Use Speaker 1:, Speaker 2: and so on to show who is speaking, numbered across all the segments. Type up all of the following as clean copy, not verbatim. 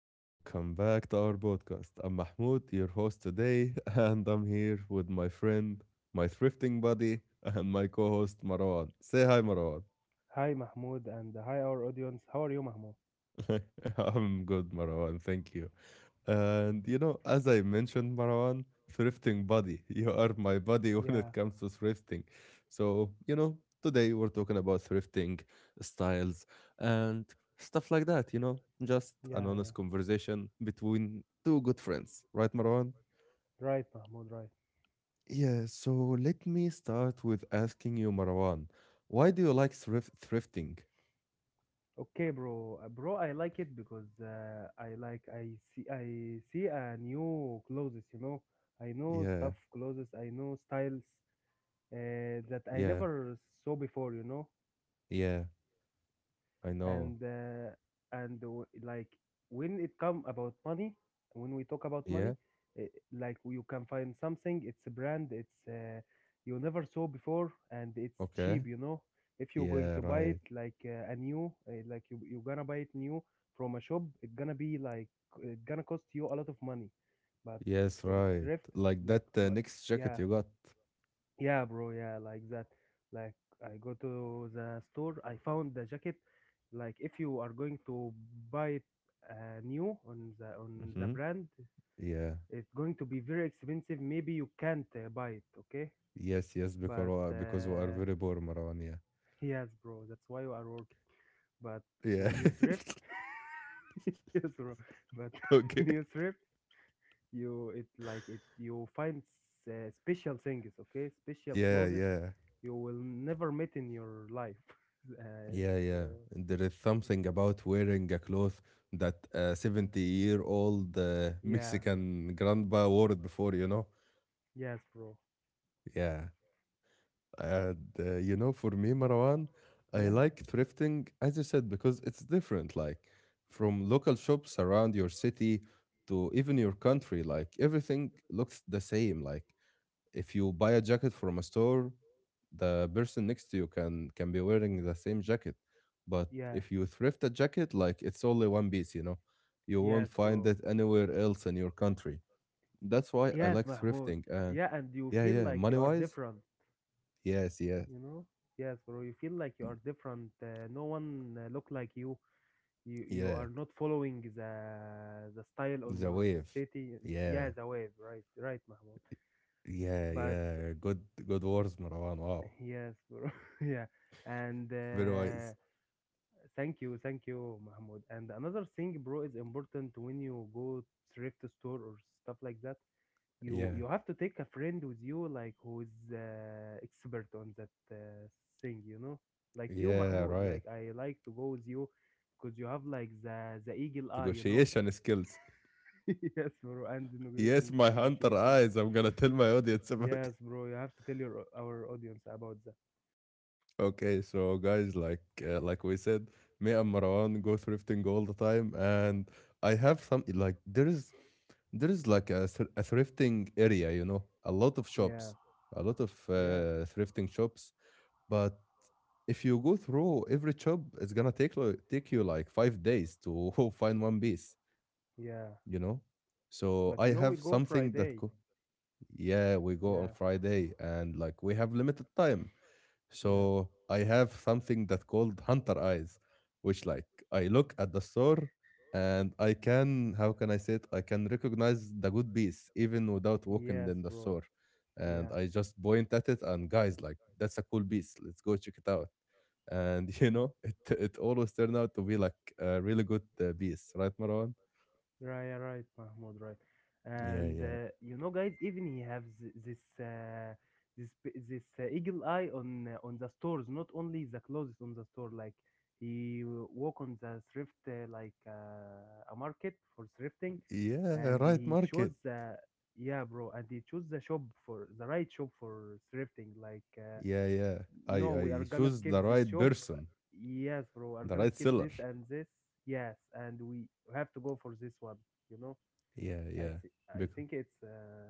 Speaker 1: and welcome back to our podcast. I'm Mahmoud, your host today, and I'm here with my friend, my thrifting buddy, and my co host, Marwan. Say hi, Marwan.
Speaker 2: Hi Mahmoud, and hi our audience. How are you, Mahmoud?
Speaker 1: I'm good, Marwan. Thank you. And you know, as I mentioned, Marwan, thrifting buddy. You are my buddy
Speaker 2: Yeah,
Speaker 1: when it comes to thrifting. So, you know, today we're talking about thrifting styles and stuff like that, just
Speaker 2: yeah,
Speaker 1: an
Speaker 2: yeah.
Speaker 1: honest conversation between two good friends, right, Marwan?
Speaker 2: Right, Mahmoud, right.
Speaker 1: Yeah, so let me start with asking you, Marwan, why do you like thrifting?
Speaker 2: Okay, bro. Bro, I like it because I see a new clothes. I know stuff
Speaker 1: Yeah,
Speaker 2: clothes, I know styles that I
Speaker 1: yeah,
Speaker 2: never saw before.
Speaker 1: yeah, I know.
Speaker 2: And, like, when it come about money when we talk about money,
Speaker 1: Yeah,
Speaker 2: uh, like, you can find something. It's a brand, it's you never saw before, and it's
Speaker 1: okay.
Speaker 2: cheap. If you're going
Speaker 1: Yeah,
Speaker 2: to buy it,
Speaker 1: right.
Speaker 2: like, a new, like, you're gonna buy it new from a shop, it's gonna be like, it's gonna cost you a lot of money. But
Speaker 1: Yes,
Speaker 2: from
Speaker 1: right.
Speaker 2: thrift,
Speaker 1: Like
Speaker 2: like,
Speaker 1: that
Speaker 2: but
Speaker 1: next jacket
Speaker 2: yeah.
Speaker 1: you got.
Speaker 2: Yeah, bro. Yeah, like that. Like, I go to the store, I found the jacket. Like, if you are going to buy it, new, on the
Speaker 1: Hmm.
Speaker 2: brand,
Speaker 1: Yeah.
Speaker 2: it's going to be very expensive. Maybe you can't buy it. Okay,
Speaker 1: Yes, yes, because
Speaker 2: but
Speaker 1: we are very poor, Marwan. Yeah.
Speaker 2: yes, bro. That's why you are working. But
Speaker 1: Yeah.
Speaker 2: when you thrift, yes, bro. But when
Speaker 1: Okay.
Speaker 2: you thrift. You, it like it, you find special things, okay, special
Speaker 1: Yeah,
Speaker 2: clothes
Speaker 1: yeah,
Speaker 2: you will never meet in your life. uh,
Speaker 1: yeah,
Speaker 2: it's,
Speaker 1: yeah. And there is something about wearing a cloth that a 70-year-old
Speaker 2: yeah.
Speaker 1: Mexican grandpa wore it before,
Speaker 2: Yes, bro.
Speaker 1: Yeah. And you know, for me, Marwan, I
Speaker 2: Yeah.
Speaker 1: like thrifting, as you said, because it's different, like from local shops around your city to even your country. Like everything looks the same. Like if you buy a jacket from a store, the person next to you can be wearing the same jacket. But
Speaker 2: Yeah.
Speaker 1: if you thrift a jacket, like it's only one piece, you know, you won't
Speaker 2: Yes,
Speaker 1: find
Speaker 2: bro.
Speaker 1: it anywhere else in your country. That's why I
Speaker 2: Yes,
Speaker 1: like
Speaker 2: Mahmoud.
Speaker 1: thrifting. And
Speaker 2: Yeah, and you
Speaker 1: yeah,
Speaker 2: feel
Speaker 1: yeah,
Speaker 2: like
Speaker 1: money
Speaker 2: you are
Speaker 1: wise,
Speaker 2: different
Speaker 1: yes, yes.
Speaker 2: you know yes, bro, you feel like you are different. No one look like you. You
Speaker 1: Yeah.
Speaker 2: are not following the style on
Speaker 1: The
Speaker 2: your
Speaker 1: Wave.
Speaker 2: city.
Speaker 1: Yeah.
Speaker 2: Yeah, the wave. Right, right, Mahmoud.
Speaker 1: Yeah,
Speaker 2: But,
Speaker 1: yeah. Good good words, Marwan. Wow.
Speaker 2: yes, bro. Yeah. And
Speaker 1: Very wise.
Speaker 2: thank you, Mahmoud. And another thing, bro, is important when you go thrift store or stuff like that. You
Speaker 1: Yeah.
Speaker 2: you have to take a friend with you, like, who is expert on that thing, like you,
Speaker 1: Yeah,
Speaker 2: Mahmoud.
Speaker 1: right.
Speaker 2: Like, I like to go with you because you have, like, the eagle eye.
Speaker 1: Negotiation skills.
Speaker 2: Yes, bro. And the
Speaker 1: Yes,
Speaker 2: negotiation
Speaker 1: my hunter
Speaker 2: negotiations.
Speaker 1: eyes. I'm gonna tell my audience about it.
Speaker 2: Yes, bro. You have to tell your our audience about that.
Speaker 1: Okay, so guys, like we said, me and Marwan go thrifting all the time, and I have some like there is like a, a thrifting area, you know, a lot of
Speaker 2: Yeah,
Speaker 1: shops, a lot of
Speaker 2: yeah,
Speaker 1: thrifting shops, but if you go through every chop, it's gonna take you like 5 days to find one piece,
Speaker 2: yeah.
Speaker 1: you know? So
Speaker 2: But, you
Speaker 1: I
Speaker 2: know, we
Speaker 1: have
Speaker 2: go
Speaker 1: something that
Speaker 2: Friday.
Speaker 1: co- Yeah, we go on
Speaker 2: Yeah,
Speaker 1: Friday and like we have limited time.
Speaker 2: yeah,
Speaker 1: So I have something that called hunter eyes, which like I look at the store and I can how can I say it? I can recognize the good piece even without walking
Speaker 2: yes,
Speaker 1: in the
Speaker 2: bro.
Speaker 1: store. And
Speaker 2: Yeah,
Speaker 1: I just point at it and guys like that's a cool piece. Let's go check it out and you know it always turned out to be like a really good piece, right, Marwan?
Speaker 2: right, right, Mahmoud, right.
Speaker 1: Yeah,
Speaker 2: And
Speaker 1: yeah.
Speaker 2: guys, even he have this eagle eye on the stores, not only the clothes on the store. Like, he walk on the thrift like, a market for thrifting, and
Speaker 1: Yeah, right,
Speaker 2: he chose
Speaker 1: market.
Speaker 2: the, yeah, bro, and he chose the right shop for thrifting, like.
Speaker 1: Yeah, yeah, i
Speaker 2: No, we are
Speaker 1: i
Speaker 2: gonna
Speaker 1: choose
Speaker 2: skip
Speaker 1: the
Speaker 2: this
Speaker 1: right
Speaker 2: shop.
Speaker 1: person,
Speaker 2: Yes, bro, are
Speaker 1: the
Speaker 2: gonna
Speaker 1: right
Speaker 2: skip
Speaker 1: seller.
Speaker 2: this and this. Yes, and we have to go for this one. You know,
Speaker 1: Yeah,
Speaker 2: I
Speaker 1: yeah,
Speaker 2: see. I
Speaker 1: because
Speaker 2: think it's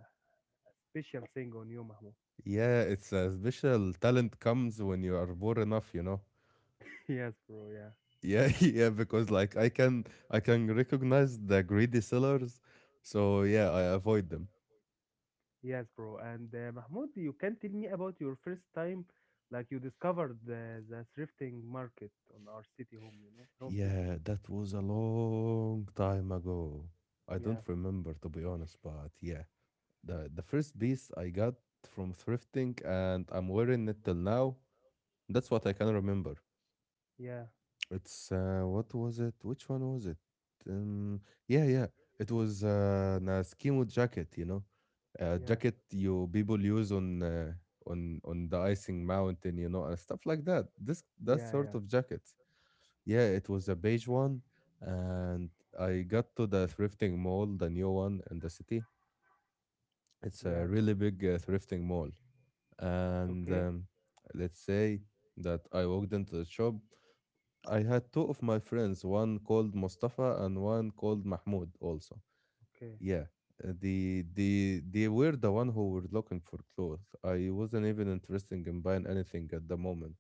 Speaker 2: a special thing on you, Mahmoud.
Speaker 1: yeah it's a special talent comes when you are born enough, you know.
Speaker 2: Yes, bro. Yeah.
Speaker 1: Yeah. Yeah, because like I can, I can recognize the greedy sellers, so yeah I avoid them.
Speaker 2: Yes, bro. And Mahmoud, you can tell me about your first time, like, you discovered the thrifting market on our city home. You know, home city.
Speaker 1: Yeah, that was a long time ago. I don't
Speaker 2: Yeah.
Speaker 1: remember to be honest, but yeah, the first piece I got from thrifting and I'm wearing it till now. That's what I can remember.
Speaker 2: Yeah.
Speaker 1: It's what was it? Which one was it? Um, yeah, yeah, it was an Eskimo jacket, you know, a
Speaker 2: Yeah.
Speaker 1: jacket you people use on on the icing mountain, you know, and stuff like that. This that
Speaker 2: Yeah.
Speaker 1: sort
Speaker 2: Yeah.
Speaker 1: of jacket. Yeah, it was a beige one, and I got to the thrifting mall, the new one in the city. It's a
Speaker 2: Yeah, bro.
Speaker 1: really big thrifting mall, and
Speaker 2: Okay.
Speaker 1: let's say that I walked into the shop. I had two of my friends, one called Mustafa and one called Mahmoud. Also,
Speaker 2: Okay.
Speaker 1: yeah, the they were the one who were looking for clothes. I wasn't even interested in buying anything at the moment.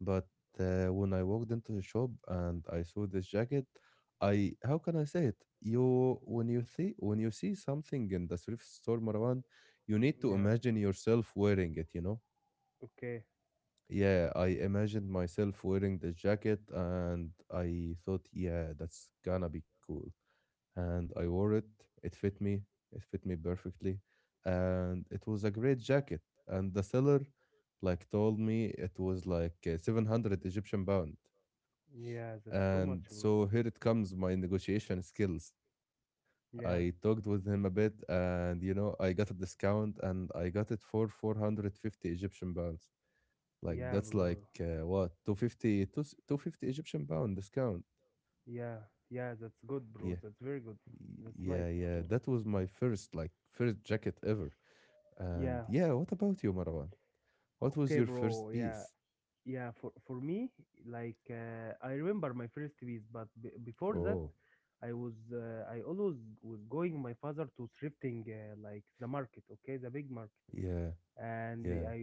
Speaker 1: But when I walked into the shop and I saw this jacket, I how can I say it? You when you see something in the thrift store, Marwan, you need to
Speaker 2: Yeah.
Speaker 1: imagine yourself wearing it. You know?
Speaker 2: Okay.
Speaker 1: Yeah, I imagined myself wearing this jacket, and I thought, yeah, that's gonna be cool. And I wore it. It fit me. It fit me perfectly, and it was a great jacket. And the seller, like, told me it was like 700 Egyptian pound.
Speaker 2: Yeah, that's too much,
Speaker 1: And
Speaker 2: bro.
Speaker 1: so here it comes my negotiation skills. I
Speaker 2: Yeah,
Speaker 1: talked with him a bit and you know I got a discount and I got it for 450 Egyptian pounds. Like
Speaker 2: yeah,
Speaker 1: that's
Speaker 2: bro.
Speaker 1: like what two fifty, 250 Egyptian pound discount.
Speaker 2: Yeah, yeah, that's good,
Speaker 1: Yeah.
Speaker 2: bro. That's very good. That's nice,
Speaker 1: Yeah, yeah.
Speaker 2: Mahmoud.
Speaker 1: That was my first jacket ever.
Speaker 2: Yeah,
Speaker 1: And yeah, what about you, Marwan? What
Speaker 2: okay,
Speaker 1: was your
Speaker 2: bro.
Speaker 1: first
Speaker 2: Yeah,
Speaker 1: piece?
Speaker 2: yeah. For me, like, I remember my first piece, but before that,
Speaker 1: Oh,
Speaker 2: I always was going my father to thrifting, like the market, okay, the big market,
Speaker 1: yeah.
Speaker 2: and
Speaker 1: Yeah.
Speaker 2: I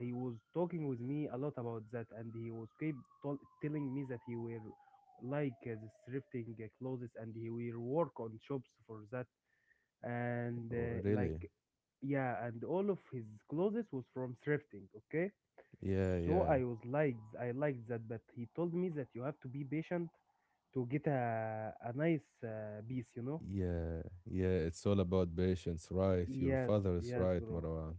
Speaker 2: he was talking with me a lot about that, and he was keep telling me that he will, like, the thrifting, clothes, and he will work on shops for that, and
Speaker 1: Oh,
Speaker 2: like,
Speaker 1: really?
Speaker 2: yeah, and all of his clothes was from thrifting, okay.
Speaker 1: Yeah,
Speaker 2: So I
Speaker 1: yeah.
Speaker 2: was like, I liked that, but he told me that you have to be patient to get a nice piece.
Speaker 1: Yeah, yeah, it's all about patience, right? Your
Speaker 2: Yes.
Speaker 1: father is
Speaker 2: Yes,
Speaker 1: right,
Speaker 2: bro.
Speaker 1: Marwan.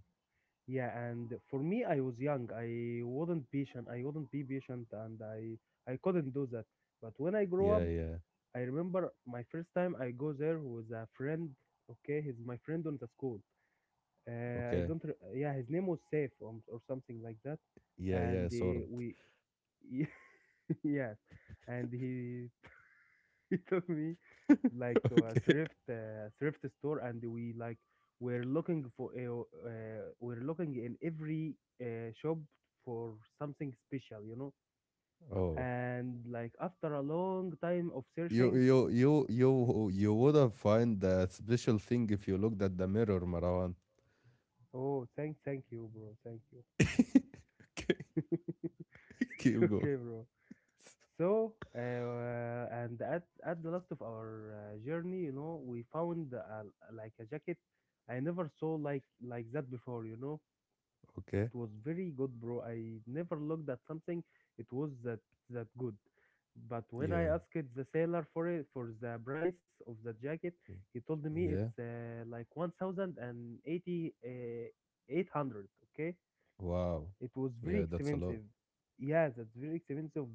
Speaker 2: Yeah, and for me I was young, I wasn't patient, I wouldn't be patient, and I couldn't do that. But when I grow up,
Speaker 1: Yeah, yeah.
Speaker 2: I remember my first time I go there with a friend, okay, he's my friend on the school. I
Speaker 1: Okay.
Speaker 2: don't. Yeah, his name was Saif, or something like that,
Speaker 1: Yeah,
Speaker 2: and
Speaker 1: yeah, sword.
Speaker 2: we, yes, and he he took me, like, to a
Speaker 1: Okay.
Speaker 2: thrift thrift store, and we, like, we're looking we're looking in every shop for something special.
Speaker 1: Oh.
Speaker 2: And, like, after a long time of
Speaker 1: You
Speaker 2: searching,
Speaker 1: would have find that special thing if you looked at the mirror, Marwan.
Speaker 2: oh, thank you, bro, thank you.
Speaker 1: Okay. Keep going.
Speaker 2: Okay, bro. So, and at the last of our journey, we found like a jacket I never saw like that before.
Speaker 1: Okay.
Speaker 2: It was very good, bro. I never looked at something it was that good. But when I
Speaker 1: Yeah.
Speaker 2: asked the sailor for the price of the jacket,
Speaker 1: y-
Speaker 2: he told me it's
Speaker 1: Yeah.
Speaker 2: like 1,080 800, okay?
Speaker 1: Wow.
Speaker 2: It was very
Speaker 1: Yeah, that's a lot.
Speaker 2: expensive. Yeah, that's very expensive,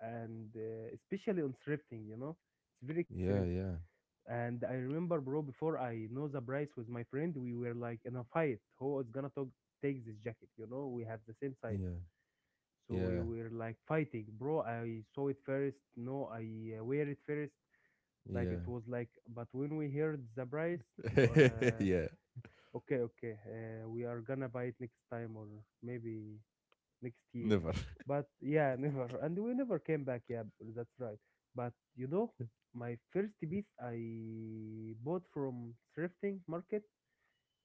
Speaker 2: and especially on thrifting, it's very
Speaker 1: Yeah,
Speaker 2: expensive.
Speaker 1: yeah.
Speaker 2: And I remember, bro, before I know the price with my friend, we were, like, in a fight. Who is gonna take this jacket? You know, we have the same size,
Speaker 1: Yeah.
Speaker 2: so we
Speaker 1: Yeah.
Speaker 2: were, like, fighting, bro. I saw it first. No, I wear it first. Like it
Speaker 1: Yeah.
Speaker 2: was like, but when we heard the price, uh,
Speaker 1: Yeah.
Speaker 2: okay, okay, we are gonna buy it next time, or maybe next year.
Speaker 1: Never.
Speaker 2: But yeah, never. And we never came back. Yeah, that's right. But you know, my first piece I bought from thrifting market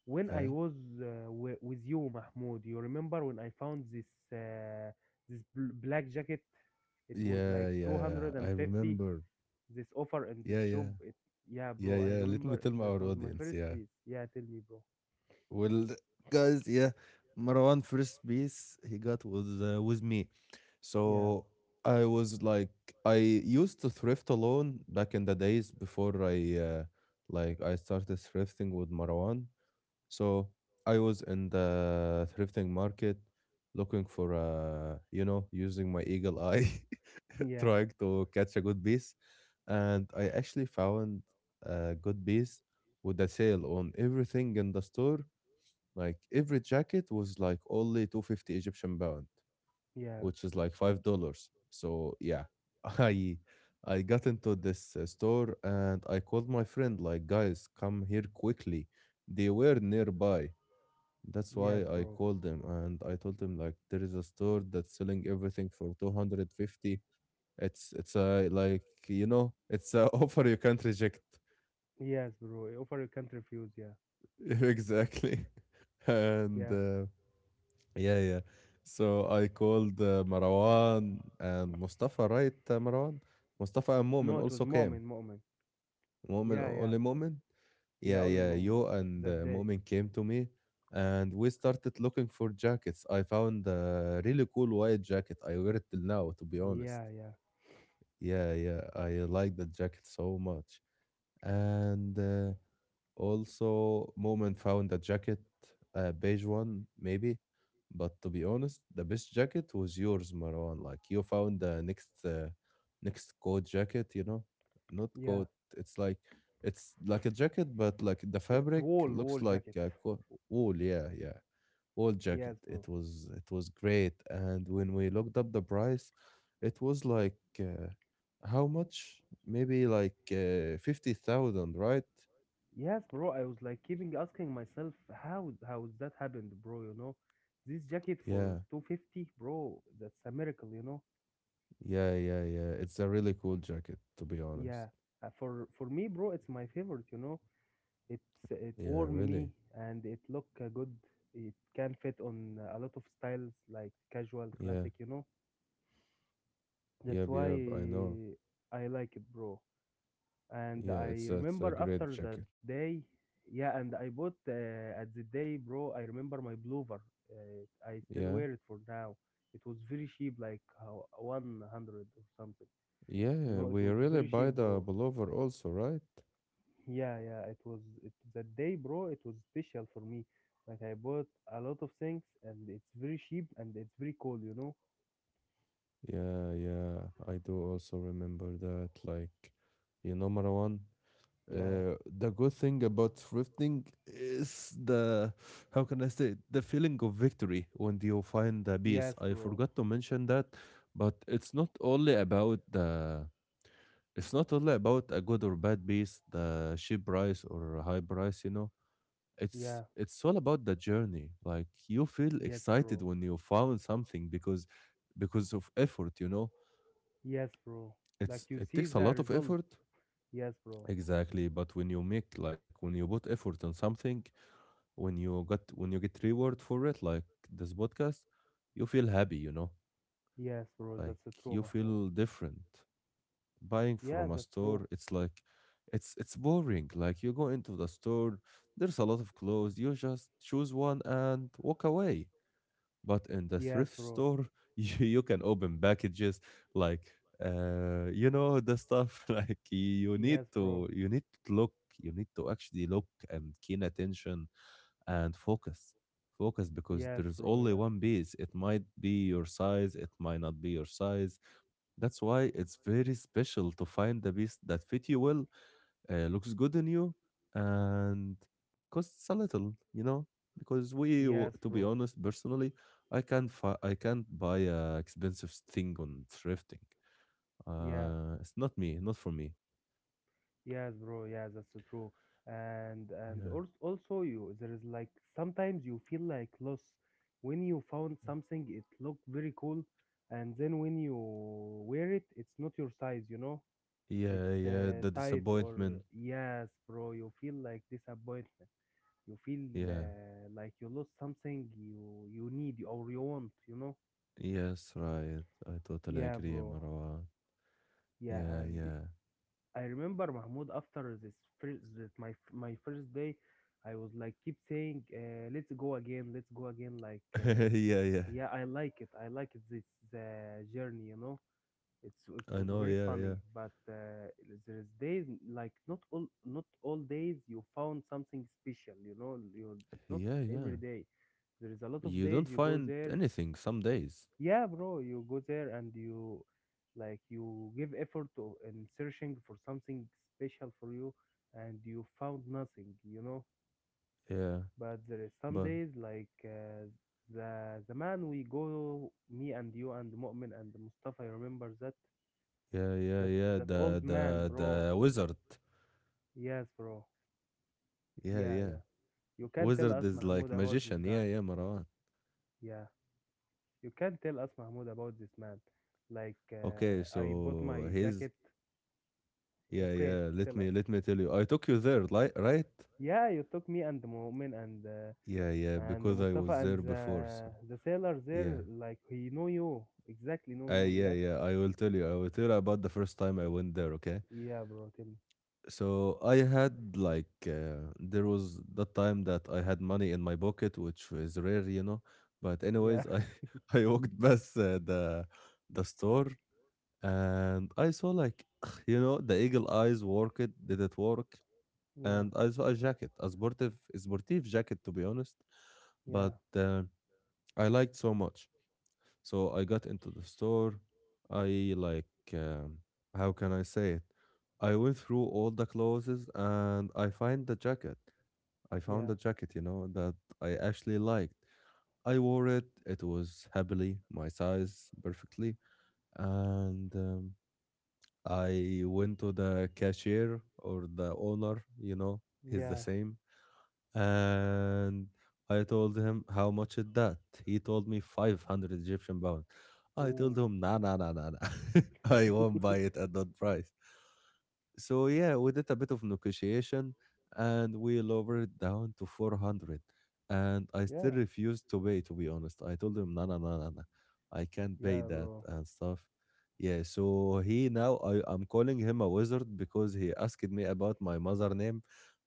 Speaker 2: when I
Speaker 1: Yeah.
Speaker 2: was with you, Mahmoud. You remember when I found uh, this black jacket? It was
Speaker 1: Yeah,
Speaker 2: like
Speaker 1: yeah, I
Speaker 2: 250,
Speaker 1: remember.
Speaker 2: this offer in this
Speaker 1: Yeah,
Speaker 2: shop.
Speaker 1: yeah,
Speaker 2: It, yeah,
Speaker 1: yeah,
Speaker 2: bro, I
Speaker 1: yeah. Let me
Speaker 2: remember
Speaker 1: tell
Speaker 2: that
Speaker 1: our
Speaker 2: was my
Speaker 1: audience.
Speaker 2: first
Speaker 1: Yeah,
Speaker 2: piece. Yeah, tell me, bro.
Speaker 1: well, guys, yeah, Marwan first piece he got was with me,
Speaker 2: Yeah,
Speaker 1: so I was like, I used to thrift alone back in the days before I I started thrifting with Marwan. So I was in the thrifting market looking for you know using my eagle eye
Speaker 2: yeah,
Speaker 1: trying to catch a good piece and I actually found a good piece with a sale on everything in the store like every jacket was like only 250 Egyptian pound
Speaker 2: yeah.
Speaker 1: which is like $5 so yeah I I got into this store and I called my friend like guys come here quickly, they were nearby, that's why
Speaker 2: Yes,
Speaker 1: I
Speaker 2: bro.
Speaker 1: called him and I told him like there is a store that's selling everything for 250. It's a like you know, it's a offer you can't reject.
Speaker 2: Yes, bro. Offer you can't refuse. Yeah.
Speaker 1: Exactly. And
Speaker 2: Yeah.
Speaker 1: yeah, yeah. So I called Marwan and Mustafa, right? Marwan, Mustafa and Momin
Speaker 2: No, it was
Speaker 1: also came.
Speaker 2: Mu'min, Mu'min.
Speaker 1: Moment,
Speaker 2: Yeah, yeah.
Speaker 1: only moment.
Speaker 2: Yeah,
Speaker 1: Yeah,
Speaker 2: only
Speaker 1: yeah.
Speaker 2: Mu'min.
Speaker 1: You and
Speaker 2: That day.
Speaker 1: Moment came to me, and we started looking for jackets. I found a really cool white jacket. I wear it till now, to be honest.
Speaker 2: Yeah, yeah.
Speaker 1: Yeah, yeah. I like that jacket so much and also Moment found a jacket, a beige one maybe, but to be honest, the best jacket was yours, Marwan. Like you found the next next coat jacket, you know, not
Speaker 2: Yeah.
Speaker 1: coat. It's like it's like a jacket, but like the
Speaker 2: It's
Speaker 1: fabric
Speaker 2: wool,
Speaker 1: looks
Speaker 2: wool
Speaker 1: like
Speaker 2: jacket.
Speaker 1: wool. Yeah, yeah, wool jacket.
Speaker 2: Yes, bro.
Speaker 1: It was great. And when we looked up the price, it was like how much? Maybe like 50,000, right?
Speaker 2: Yes, bro. I was like keeping asking myself how that happened, bro, you know? This jacket for
Speaker 1: Yeah.
Speaker 2: 250, bro, that's a miracle, you know?
Speaker 1: Yeah, yeah, yeah. It's a really cool jacket, to be honest.
Speaker 2: Yeah. For me, bro, it's my favorite, you know? It's it
Speaker 1: Yeah,
Speaker 2: warm
Speaker 1: really.
Speaker 2: me and it look good. It can fit on a lot of styles like casual,
Speaker 1: Yeah.
Speaker 2: classic, you know? That's
Speaker 1: Yep,
Speaker 2: why
Speaker 1: yep, I know.
Speaker 2: I like it, bro. And
Speaker 1: Yeah,
Speaker 2: I
Speaker 1: it's a
Speaker 2: remember
Speaker 1: great
Speaker 2: after that
Speaker 1: jacket.
Speaker 2: day, yeah, and I bought at the day, bro. I remember my Bluver. I still
Speaker 1: Yeah.
Speaker 2: wear it for now. It was very cheap, like, 100 or something. You
Speaker 1: Yeah,
Speaker 2: know, it
Speaker 1: we
Speaker 2: was
Speaker 1: really
Speaker 2: very cheap,
Speaker 1: buy the
Speaker 2: bro.
Speaker 1: pullover also, right?
Speaker 2: Yeah, yeah, it was it, that day, bro. It was special for me. Like, I bought a lot of things, and it's very cheap and it's very cool.
Speaker 1: Yeah, yeah, I do also remember that. Like, you know, Marwan?
Speaker 2: Yeah,
Speaker 1: The good thing about thrifting is the how can I say it? The feeling of victory when you find the piece.
Speaker 2: yes,
Speaker 1: I
Speaker 2: bro.
Speaker 1: forgot to mention that, but it's not only about a good or bad piece, the cheap price or a high price, you know.
Speaker 2: Yeah,
Speaker 1: It's all about the journey. Like you feel
Speaker 2: yes,
Speaker 1: excited
Speaker 2: bro.
Speaker 1: when you found something because of effort, you know.
Speaker 2: Yes, bro.
Speaker 1: It's
Speaker 2: Like, you
Speaker 1: it
Speaker 2: see
Speaker 1: takes a
Speaker 2: the
Speaker 1: lot of
Speaker 2: result.
Speaker 1: effort.
Speaker 2: Yes, bro.
Speaker 1: Exactly, but when you make like when you put effort on something, when you get reward for it, like this podcast, you feel happy, you know?
Speaker 2: Yes, bro.
Speaker 1: Like
Speaker 2: That's true,
Speaker 1: you
Speaker 2: Mahmoud.
Speaker 1: feel different. Buying
Speaker 2: Yeah,
Speaker 1: from a
Speaker 2: that's true.
Speaker 1: store, it's like it's boring. Like you go into the store, there's a lot of clothes, you just choose one and walk away. But in the
Speaker 2: Yes,
Speaker 1: thrift
Speaker 2: bro.
Speaker 1: store, you can open packages like you know the stuff like
Speaker 2: Yes, bro.
Speaker 1: you need to look, you need to actually look and keen attention and focus because
Speaker 2: Yes,
Speaker 1: there is
Speaker 2: bro.
Speaker 1: only
Speaker 2: Yeah.
Speaker 1: one piece, it might be your size, it might not be your size, that's why it's very special to find the piece that fit you well, looks good on you, and costs a little, you know, because
Speaker 2: Yes,
Speaker 1: to be
Speaker 2: bro.
Speaker 1: honest, personally I can't buy a expensive thing on thrifting,
Speaker 2: Yeah.
Speaker 1: it's not me, not for me.
Speaker 2: Yes, bro. Yeah, that's true. And and
Speaker 1: Yeah,
Speaker 2: al- also you, there is, like, sometimes you feel like loss when you found something it looked very cool, and then when you wear it it's not your size, you know?
Speaker 1: yeah,
Speaker 2: It's
Speaker 1: yeah, the
Speaker 2: tight, or,
Speaker 1: disappointment.
Speaker 2: yes, bro. You feel like disappointment. You feel
Speaker 1: Yeah,
Speaker 2: like you lost something you need or you want, you know?
Speaker 1: yes, right, I totally
Speaker 2: Yeah,
Speaker 1: agree,
Speaker 2: bro.
Speaker 1: Marwan.
Speaker 2: Yeah,
Speaker 1: Yeah,
Speaker 2: and
Speaker 1: yeah.
Speaker 2: I remember Mahmoud after this first that my first day, I was like keep saying, "Let's go again, let's go again." Like,
Speaker 1: Yeah, yeah,
Speaker 2: yeah, I like it. I like it. This journey. It
Speaker 1: I
Speaker 2: was
Speaker 1: know.
Speaker 2: very
Speaker 1: Yeah,
Speaker 2: funny,
Speaker 1: yeah,
Speaker 2: but there is days, like, not all days you found something special, you know. You, not
Speaker 1: yeah, yeah,
Speaker 2: every day, there is a lot of
Speaker 1: you
Speaker 2: days
Speaker 1: don't
Speaker 2: you go
Speaker 1: find
Speaker 2: there.
Speaker 1: anything some days.
Speaker 2: Yeah, bro, you go there and you, like, you give effort to, in searching for something special for you, and you found nothing.
Speaker 1: Yeah,
Speaker 2: But there is some
Speaker 1: but
Speaker 2: days, like, the man we go, me and you and Mu'min and Mustafa, I remember that.
Speaker 1: yeah, yeah,
Speaker 2: that
Speaker 1: yeah.
Speaker 2: that old man, bro.
Speaker 1: The wizard.
Speaker 2: Yes, bro.
Speaker 1: Yeah,
Speaker 2: Yeah,
Speaker 1: yeah.
Speaker 2: yeah. You can tell
Speaker 1: Wizard
Speaker 2: us,
Speaker 1: is
Speaker 2: Mahmoud,
Speaker 1: like
Speaker 2: about this
Speaker 1: magician. Yeah,
Speaker 2: guy.
Speaker 1: yeah, Marwan.
Speaker 2: Yeah. You can tell us, Mahmoud, about this man. Like,
Speaker 1: Okay,
Speaker 2: I bought
Speaker 1: so
Speaker 2: my
Speaker 1: his
Speaker 2: jacket.
Speaker 1: yeah,
Speaker 2: Okay,
Speaker 1: yeah.
Speaker 2: tell us.
Speaker 1: Let me tell you. I took you there, like right?
Speaker 2: Yeah, you took me and Mu'min, and uh,
Speaker 1: Yeah, yeah,
Speaker 2: and
Speaker 1: because I
Speaker 2: Mustafa,
Speaker 1: was
Speaker 2: and
Speaker 1: there
Speaker 2: the
Speaker 1: before.
Speaker 2: uh,
Speaker 1: So
Speaker 2: the sailor there.
Speaker 1: yeah.
Speaker 2: Like he know you exactly, know you.
Speaker 1: Yeah,
Speaker 2: Yeah.
Speaker 1: yeah. I will tell you about the first time I went there, okay?
Speaker 2: Yeah, bro. Tell me.
Speaker 1: So I had like there was the time that I had money in my pocket, which is rare. But
Speaker 2: Yeah.
Speaker 1: anyways, I I walked past the store and I saw like you know the eagle eyes worked, did it work?
Speaker 2: Yeah.
Speaker 1: And I saw a jacket, a sportive jacket, to be honest,
Speaker 2: Yeah.
Speaker 1: but I liked so much. So I got into the store. I like um, how can I say it? I went through all the clothes and I
Speaker 2: Yeah.
Speaker 1: found the jacket, you know, that I actually liked. I wore it, it was happily my size perfectly. And I went to the cashier or the owner, he's the
Speaker 2: Yeah.
Speaker 1: same, and I told him, how much is that? He told me 500 Egyptian pound. I told
Speaker 2: Ooh.
Speaker 1: him, nah nah nah nah nah. I won't buy it at that price. So yeah, we did a bit of negotiation and we lowered it down to 400. And I still
Speaker 2: Yeah.
Speaker 1: refused to pay, to be honest. I told him, no no no no no. I can't pay
Speaker 2: Yeah,
Speaker 1: that
Speaker 2: bro.
Speaker 1: and stuff. Yeah, so I'm calling him a wizard because he asked me about my mother name,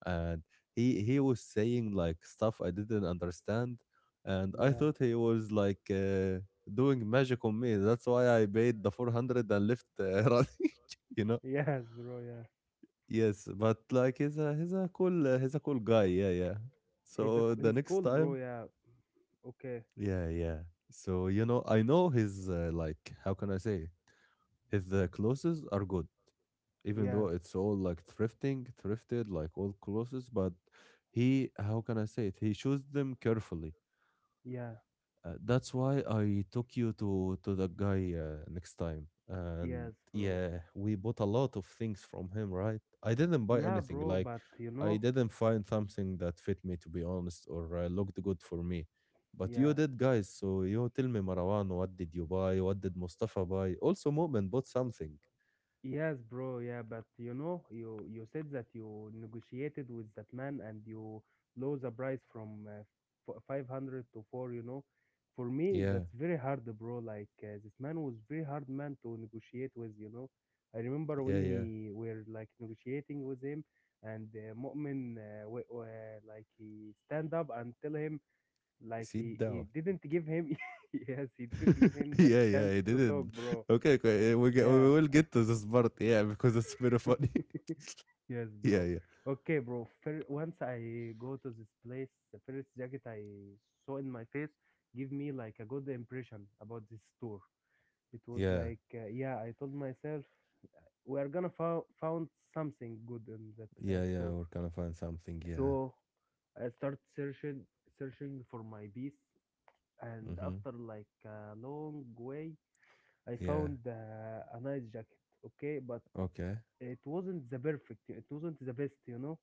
Speaker 1: and he was saying like stuff I didn't understand, and I
Speaker 2: Yeah.
Speaker 1: thought he was like, doing magic on me. That's why I paid the 400 and left, running, you know?
Speaker 2: Yes, bro. Yeah.
Speaker 1: Yes, but like he's a cool guy. Yeah, yeah.
Speaker 2: He's a
Speaker 1: So the
Speaker 2: he's
Speaker 1: next
Speaker 2: cool, bro.
Speaker 1: time,
Speaker 2: Yeah. Okay.
Speaker 1: yeah, yeah. So you know, I know his, like, how can I say, his clothes are good, even
Speaker 2: Yeah.
Speaker 1: though it's all like thrifting, thrifted, like all clothes. But he how can I say it? He chose them carefully.
Speaker 2: Yeah.
Speaker 1: That's why I took you to that guy, next time. And
Speaker 2: Yes, bro.
Speaker 1: yeah, we bought a lot of things from him, right? I didn't buy
Speaker 2: Yeah,
Speaker 1: anything.
Speaker 2: bro.
Speaker 1: Like,
Speaker 2: But, you
Speaker 1: I
Speaker 2: know.
Speaker 1: didn't find something that fit me, to be honest, or looked good for me. But you
Speaker 2: Yeah.
Speaker 1: did, guys. So you tell me, Marwan, what did you buy? What did Mustafa buy? Also, Mu'min bought something.
Speaker 2: Yes, bro. Yeah, but you know, you said that you negotiated with that man, and you lower the price from 500 to 4. For me,
Speaker 1: Yeah,
Speaker 2: that's very hard, bro. This man was very hard man to negotiate with, you know. I remember
Speaker 1: yeah,
Speaker 2: when
Speaker 1: yeah.
Speaker 2: he were like negotiating with him and Mu'min like he stand up and tell him like he
Speaker 1: Sit
Speaker 2: he
Speaker 1: down.
Speaker 2: didn't give him yes, he didn't give him the
Speaker 1: Yeah, yeah,
Speaker 2: chance
Speaker 1: I
Speaker 2: to talk,
Speaker 1: didn't.
Speaker 2: bro.
Speaker 1: Okay, okay, we
Speaker 2: Yeah.
Speaker 1: will get to this part, yeah, because it's very funny.
Speaker 2: Yes,
Speaker 1: Yeah,
Speaker 2: bro.
Speaker 1: yeah.
Speaker 2: Okay, bro. Once I go to this place, the first jacket I saw in my face give me like a good impression about this store. It was
Speaker 1: Yeah.
Speaker 2: like, yeah, I told myself we are gonna found something good in that
Speaker 1: Yeah, yeah,
Speaker 2: store.
Speaker 1: we're gonna find something. Yeah.
Speaker 2: So I start searching, searching for my piece, and
Speaker 1: Mm-hmm.
Speaker 2: after like a long way, I
Speaker 1: Yeah.
Speaker 2: found a nice jacket. Okay, but
Speaker 1: Okay.
Speaker 2: it wasn't the perfect. It wasn't the best, you know,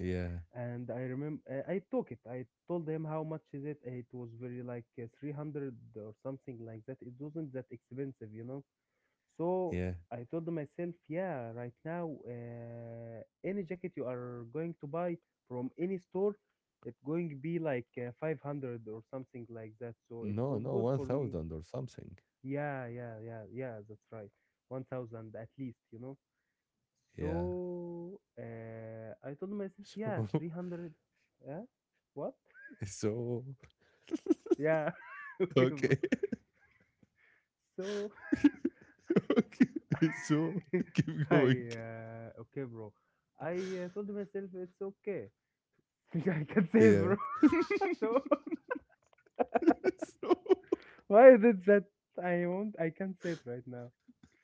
Speaker 1: Yeah.
Speaker 2: and I remember I took it. I told him how much is it. It was very like 300 or something like that. It wasn't that expensive, you know. So
Speaker 1: Yeah.
Speaker 2: I told myself, yeah, right now, any jacket you are going to buy from any store, it's going to be like 500 or something like that. So it
Speaker 1: No,
Speaker 2: was
Speaker 1: no,
Speaker 2: good for me.
Speaker 1: 1,000 or something.
Speaker 2: Yeah, yeah, yeah, yeah. That's right. 1,000 at least, you know.
Speaker 1: Yeah.
Speaker 2: So I told myself, yeah, 300. Yeah? What?
Speaker 1: So,
Speaker 2: Yeah.
Speaker 1: so,
Speaker 2: okay, bro.
Speaker 1: okay.
Speaker 2: So
Speaker 1: Okay. So, keep
Speaker 2: I
Speaker 1: going.
Speaker 2: okay, bro. I told myself it's okay. I can say it,
Speaker 1: Yeah.
Speaker 2: bro. so
Speaker 1: So,
Speaker 2: why did that? I won't. I can't say it right now.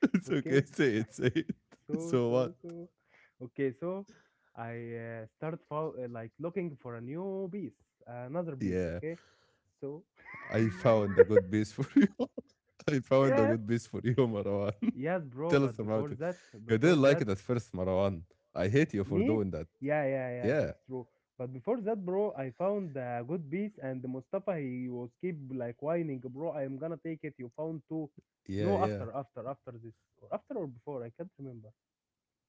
Speaker 1: it's okay.
Speaker 2: Okay.
Speaker 1: Say it. Say it.
Speaker 2: So
Speaker 1: So,
Speaker 2: so
Speaker 1: what?
Speaker 2: so. Okay. So I started like looking for a new piece, another piece.
Speaker 1: Yeah.
Speaker 2: Okay. So
Speaker 1: I found a good piece for you. I found a
Speaker 2: Yeah.
Speaker 1: good piece for you, Marwan.
Speaker 2: Yes, bro,
Speaker 1: Tell us
Speaker 2: but
Speaker 1: about it. You
Speaker 2: before
Speaker 1: didn't like
Speaker 2: that,
Speaker 1: it at first, Marwan. I hate you for
Speaker 2: me?
Speaker 1: doing that.
Speaker 2: Yeah, yeah, yeah,
Speaker 1: Yeah,
Speaker 2: that's true. But before that, bro, I found a good piece and Mustafa, he was keep like whining, bro, I am gonna take it. You found two.
Speaker 1: yeah,
Speaker 2: No,
Speaker 1: yeah.
Speaker 2: after, after, after this. Or after or before, I can't remember.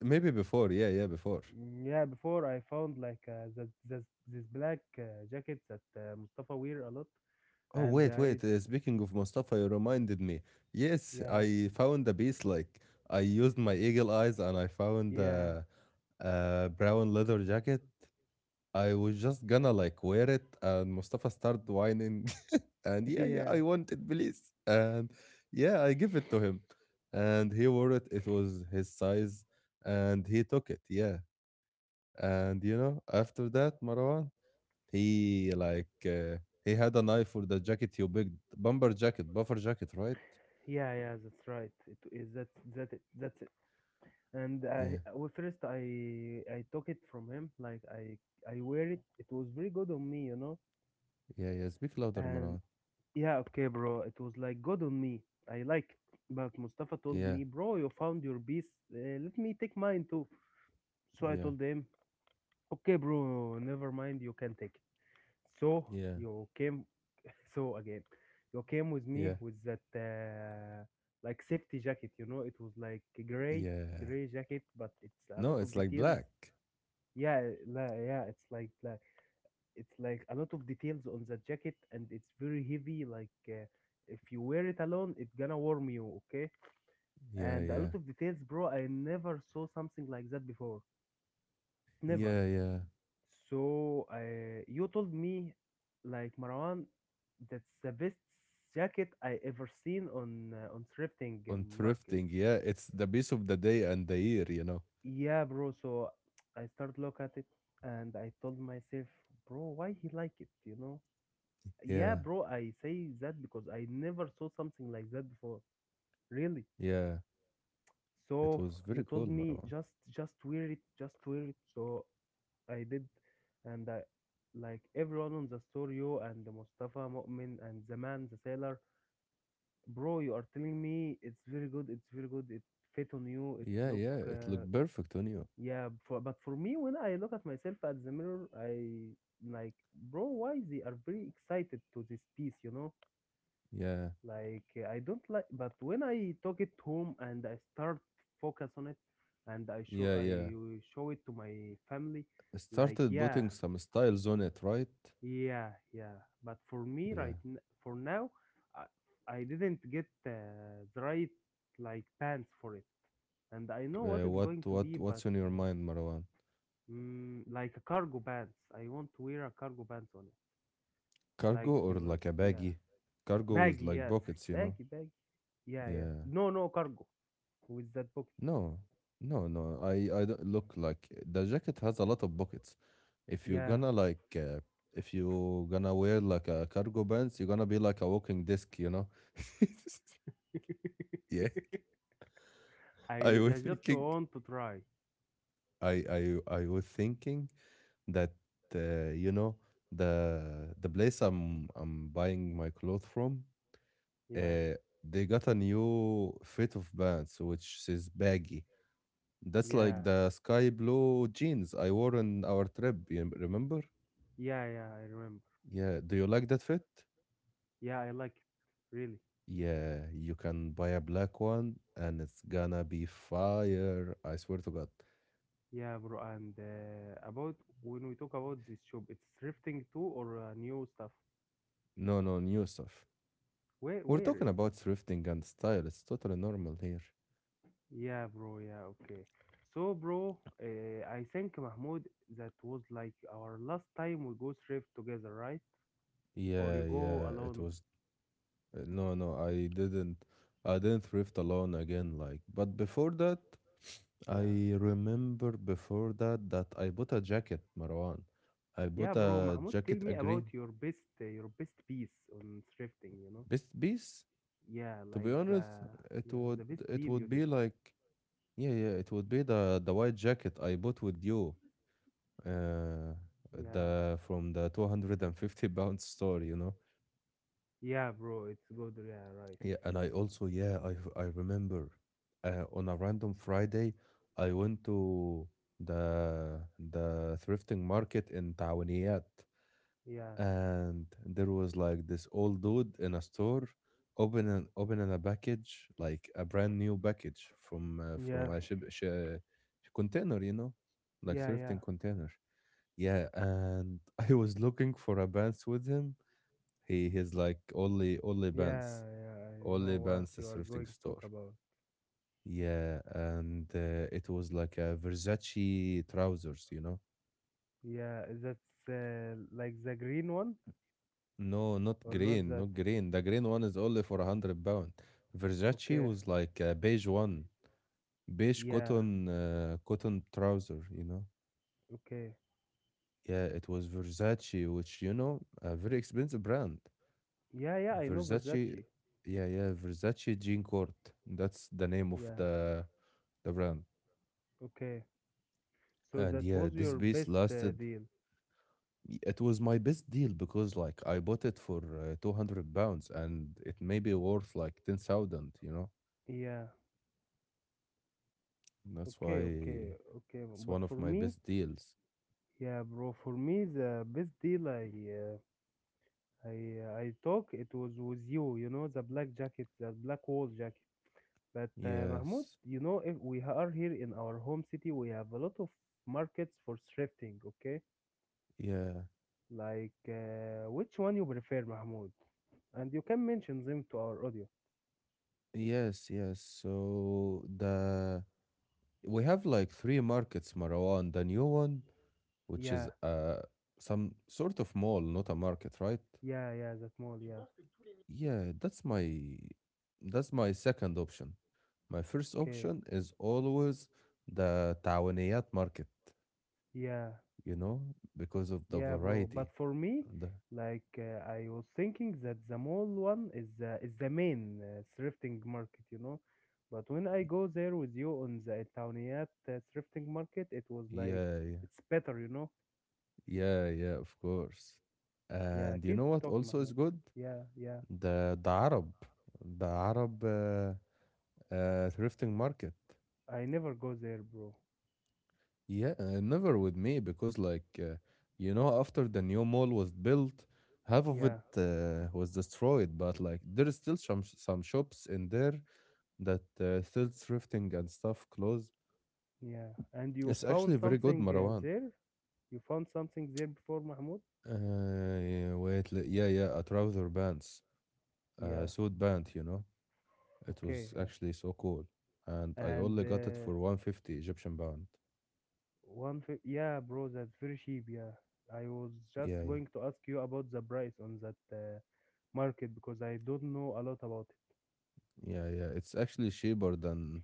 Speaker 1: Maybe before. Yeah, yeah, before.
Speaker 2: Yeah, before I found like uh, this black jacket that Mustafa wear a lot.
Speaker 1: Oh,
Speaker 2: And
Speaker 1: wait,
Speaker 2: I,
Speaker 1: wait. Speaking of Mustafa, you reminded me. Yes,
Speaker 2: yeah,
Speaker 1: I found a piece. Like, I used my eagle eyes and I found
Speaker 2: yeah,
Speaker 1: a brown leather jacket. I was just gonna like wear it, and Mustafa started whining. And yeah, yeah,
Speaker 2: yeah.
Speaker 1: I want it, please. And yeah, I give it to him. And he wore it, it was his size, and he took it, yeah. And you know, after that, Marwan, he like uh, he had a knife for the jacket you picked, bomber jacket, buffer jacket, right?
Speaker 2: Yeah, yeah, that's right. It is that that it that's it. And I,
Speaker 1: Yeah,
Speaker 2: well, first I took it from him. Like I wear it. It was very good on me, you know.
Speaker 1: yeah, yeah. Speak louder,
Speaker 2: And
Speaker 1: Marwan.
Speaker 2: yeah, okay, bro. It was like good on me. I like it. But Mustafa told
Speaker 1: Yeah,
Speaker 2: me, bro, you found your beast. Let me take mine too. So I
Speaker 1: yeah,
Speaker 2: told him, okay, bro, never mind. You can take it. So
Speaker 1: yeah,
Speaker 2: you came. So again, you came with me
Speaker 1: yeah,
Speaker 2: with that like safety jacket. You know, it was like a gray
Speaker 1: yeah.
Speaker 2: gray jacket, but it's a lot
Speaker 1: No,
Speaker 2: of
Speaker 1: it's like
Speaker 2: details.
Speaker 1: black.
Speaker 2: Yeah, yeah, it's like it's like a lot of details on the jacket, and it's very heavy. Like if you wear it alone, it's gonna warm you, okay?
Speaker 1: Yeah,
Speaker 2: And a
Speaker 1: yeah,
Speaker 2: lot of details, bro. I never saw something like that before, never.
Speaker 1: yeah, yeah.
Speaker 2: So you told me, like Marwan, that's the best jacket I ever seen on thrifting
Speaker 1: On
Speaker 2: market.
Speaker 1: thrifting, yeah, it's the piece of the day and the year.
Speaker 2: Yeah, bro. So I start look at it, and I told myself, bro, why he like it, you know? Yeah,
Speaker 1: Yeah.
Speaker 2: bro, I say that because I never saw something like that before. Really?
Speaker 1: Yeah, it
Speaker 2: So
Speaker 1: was
Speaker 2: you
Speaker 1: very cool,
Speaker 2: told me
Speaker 1: Marwan.
Speaker 2: just wear it, just wear it. So I did, and I, like everyone on the store, you and the Mustafa Mu'min and the man, the sailor, bro, you are telling me it's very good, it's very good. It fit on you. It
Speaker 1: Yeah,
Speaker 2: look,
Speaker 1: yeah, it looked perfect on you.
Speaker 2: yeah. For, but for me, when I look at myself at the mirror, I like, bro, why they are very excited to this piece, you know?
Speaker 1: Yeah,
Speaker 2: Like I don't like, but when I took it home and I start focus on it and i show
Speaker 1: yeah,
Speaker 2: i
Speaker 1: yeah.
Speaker 2: show it to my family
Speaker 1: I
Speaker 2: like
Speaker 1: started
Speaker 2: yeah,
Speaker 1: putting some styles on it, right?
Speaker 2: yeah, yeah, but for me
Speaker 1: Yeah.
Speaker 2: for now I didn't get the right like pants for it, and I know
Speaker 1: Uh,
Speaker 2: what it's
Speaker 1: what,
Speaker 2: going to
Speaker 1: what,
Speaker 2: be,
Speaker 1: what's
Speaker 2: but
Speaker 1: on your mind, Marwan?
Speaker 2: like a cargo pants, I want to wear a cargo pants on it
Speaker 1: Cargo
Speaker 2: like
Speaker 1: or
Speaker 2: your
Speaker 1: like a
Speaker 2: yeah,
Speaker 1: baggy? Cargo with
Speaker 2: baggy
Speaker 1: like
Speaker 2: yes,
Speaker 1: pockets, you know?
Speaker 2: baggy, yeah yeah,
Speaker 1: Yeah.
Speaker 2: no cargo with that book.
Speaker 1: No, no, no. I don't look like the jacket has a lot of pockets. If you're
Speaker 2: Yeah,
Speaker 1: gonna like, uh, if you gonna wear like a cargo pants, you're gonna be like a walking disc, you know? Yeah, I
Speaker 2: I
Speaker 1: was
Speaker 2: I just
Speaker 1: thinking.
Speaker 2: want to try.
Speaker 1: I was thinking that you know the place I'm buying my clothes from,
Speaker 2: Yeah,
Speaker 1: uh, they got a new fit of pants which is baggy. That's
Speaker 2: yeah,
Speaker 1: like the sky blue jeans I wore on our trip. You remember?
Speaker 2: yeah, yeah. I remember.
Speaker 1: Yeah. Do you like that fit?
Speaker 2: Yeah, I like it really.
Speaker 1: Yeah. You can buy a black one and it's gonna be fire. I swear to God.
Speaker 2: Yeah, bro. And about when we talk about this shop, it's thrifting too or new stuff?
Speaker 1: No, no, new stuff. We're
Speaker 2: Where
Speaker 1: talking
Speaker 2: is it?
Speaker 1: about thrifting and style. It's totally normal here.
Speaker 2: Yeah, bro. Yeah, okay. So, bro, uh, I think Mahmoud, that was like our last time we go thrift together, right? Or
Speaker 1: Yeah,
Speaker 2: you go
Speaker 1: yeah, it
Speaker 2: alone?
Speaker 1: was, no, no, I didn't thrift alone again, like, but before that,
Speaker 2: Yeah.
Speaker 1: I remember before that that I bought a jacket, Marwan. I
Speaker 2: Yeah,
Speaker 1: bought
Speaker 2: bro.
Speaker 1: a
Speaker 2: Mahmoud, tell
Speaker 1: jacket, a
Speaker 2: me about
Speaker 1: green.
Speaker 2: your best piece on thrifting. You know.
Speaker 1: Best piece.
Speaker 2: Yeah,
Speaker 1: To be
Speaker 2: like the
Speaker 1: honest, it
Speaker 2: yeah,
Speaker 1: would
Speaker 2: the best
Speaker 1: it
Speaker 2: deal
Speaker 1: would
Speaker 2: you
Speaker 1: be
Speaker 2: did.
Speaker 1: like, yeah, yeah, it would be the white jacket I bought with you, uh
Speaker 2: Yeah,
Speaker 1: the from the 250 pound store.
Speaker 2: yeah, bro, it's good. Yeah, right.
Speaker 1: Yeah, and I also, yeah, I remember, on a random Friday, I went to the thrifting market in Tawaniyat,
Speaker 2: Yeah,
Speaker 1: and there was like this old dude in a store opening a package, like a brand new package from
Speaker 2: yeah,
Speaker 1: a ship, sh container, you know, like
Speaker 2: yeah,
Speaker 1: thrifting
Speaker 2: yeah,
Speaker 1: container. Yeah, and I was looking for a pants with him. He's like only pants.
Speaker 2: yeah. Yeah, I
Speaker 1: Only
Speaker 2: know
Speaker 1: pants
Speaker 2: what you are
Speaker 1: thrifting
Speaker 2: going to
Speaker 1: store.
Speaker 2: talk about.
Speaker 1: Yeah, and it was like a Versace trousers.
Speaker 2: Yeah, that's like the green one
Speaker 1: No, not
Speaker 2: or not
Speaker 1: green,
Speaker 2: that?
Speaker 1: not green. The green one is only for 100 pound. Versace
Speaker 2: Okay.
Speaker 1: was like a beige one, beige
Speaker 2: Yeah.
Speaker 1: cotton trouser.
Speaker 2: Okay.
Speaker 1: Yeah, it was Versace, which, a very expensive brand.
Speaker 2: Yeah, yeah. I know
Speaker 1: Versace,
Speaker 2: Versace.
Speaker 1: yeah, yeah, Versace Jean Court. That's the name of
Speaker 2: Yeah.
Speaker 1: the brand.
Speaker 2: Okay. So
Speaker 1: And
Speaker 2: that
Speaker 1: yeah,
Speaker 2: was
Speaker 1: this
Speaker 2: your
Speaker 1: piece
Speaker 2: best
Speaker 1: lasted.
Speaker 2: deal.
Speaker 1: It was my best deal because like I bought it for, 200 pounds, and it may be worth like 10,000, you know?
Speaker 2: Yeah.
Speaker 1: That's
Speaker 2: Okay.
Speaker 1: why
Speaker 2: Okay. Okay.
Speaker 1: it's
Speaker 2: But
Speaker 1: one of
Speaker 2: for
Speaker 1: my
Speaker 2: me,
Speaker 1: best deals.
Speaker 2: yeah, bro. For me, the best deal I talk it was with you, you know, the black jacket, the black wool jacket. But Mahmoud,
Speaker 1: Yes.
Speaker 2: you know, if we are here in our home city, we have a lot of markets for thrifting. Okay,
Speaker 1: Yeah.
Speaker 2: like which one you prefer, Mahmoud? And you can mention them to our audio.
Speaker 1: Yes, yes. So the we have like three markets, Marwan. The new one, which is,
Speaker 2: Yeah,
Speaker 1: some sort of mall, not a market, right?
Speaker 2: yeah, yeah, that mall, yeah.
Speaker 1: Yeah, that's my second option. My first
Speaker 2: Okay,
Speaker 1: option is always the Tawaniyat market.
Speaker 2: yeah.
Speaker 1: you know, because of the
Speaker 2: Yeah, bro. But
Speaker 1: variety.
Speaker 2: for me,
Speaker 1: And
Speaker 2: like I was thinking that the mall one is the main thrifting market, you know. But when I go there with you on the Itaoniat thrifting market, it was like
Speaker 1: yeah, yeah,
Speaker 2: it's better, you know.
Speaker 1: yeah, yeah, of course.
Speaker 2: Yeah,
Speaker 1: And you
Speaker 2: keep
Speaker 1: know what
Speaker 2: talking,
Speaker 1: also is
Speaker 2: Mahmoud.
Speaker 1: good?
Speaker 2: Yeah, yeah.
Speaker 1: The the Arab, the Arab thrifting market.
Speaker 2: I never go there, bro.
Speaker 1: Yeah, never with me because, like, after the new mall was built, half of
Speaker 2: Yeah,
Speaker 1: it, was destroyed. But like there is still some shops in there that, still thrifting and stuff clothes.
Speaker 2: yeah. And you
Speaker 1: It's
Speaker 2: found
Speaker 1: actually very good,
Speaker 2: something
Speaker 1: Marwan.
Speaker 2: there? You found something there before, Mahmoud?
Speaker 1: Yeah, wait, yeah, yeah, a trouser pants, a
Speaker 2: Yeah.
Speaker 1: suit pant. It
Speaker 2: Okay.
Speaker 1: was
Speaker 2: Yeah.
Speaker 1: actually so cool, and I
Speaker 2: And
Speaker 1: only got it for 150 Egyptian pound.
Speaker 2: Yeah, bro, that's very cheap. Yeah, I was just
Speaker 1: Yeah, yeah,
Speaker 2: going to ask you about the price on that market because I don't know a lot about
Speaker 1: yeah, yeah. It's actually cheaper than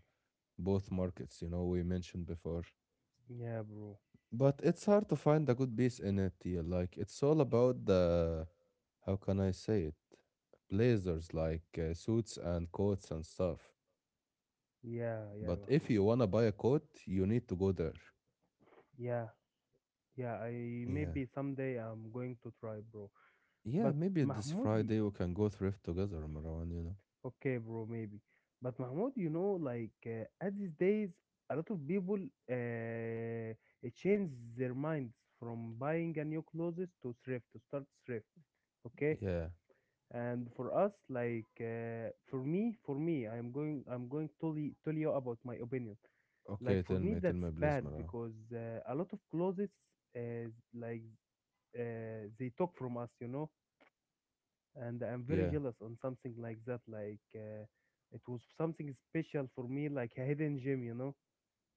Speaker 1: both markets, we mentioned before.
Speaker 2: it. Yeah, bro.
Speaker 1: But it's hard to find a good piece in it. Yeah, like it's all about the, how can I say it, blazers, like, suits and coats and stuff.
Speaker 2: Yeah, yeah,
Speaker 1: But if
Speaker 2: Mahmoud.
Speaker 1: you wanna buy a coat, you need to go there.
Speaker 2: Yeah, yeah. I
Speaker 1: Yeah.
Speaker 2: maybe someday I'm going to try, bro.
Speaker 1: Yeah,
Speaker 2: But
Speaker 1: maybe this
Speaker 2: Mahmoudi,
Speaker 1: Friday we can go thrift together, Marwan.
Speaker 2: okay, bro, maybe. But Mahmoud, you know, like at these days, a lot of people uh, change their minds from buying a new clothes to thrift to start thrift. Okay,
Speaker 1: Yeah.
Speaker 2: and for us like for me I'm going, tell you about my opinion. Like
Speaker 1: Okay,
Speaker 2: for me
Speaker 1: tell
Speaker 2: that's
Speaker 1: me, please,
Speaker 2: bad
Speaker 1: Marwan.
Speaker 2: because a lot of closets uh, like they talk from us, you know, and I'm very
Speaker 1: Yeah,
Speaker 2: jealous on something like that, like it was something special for me like a hidden gem, you know.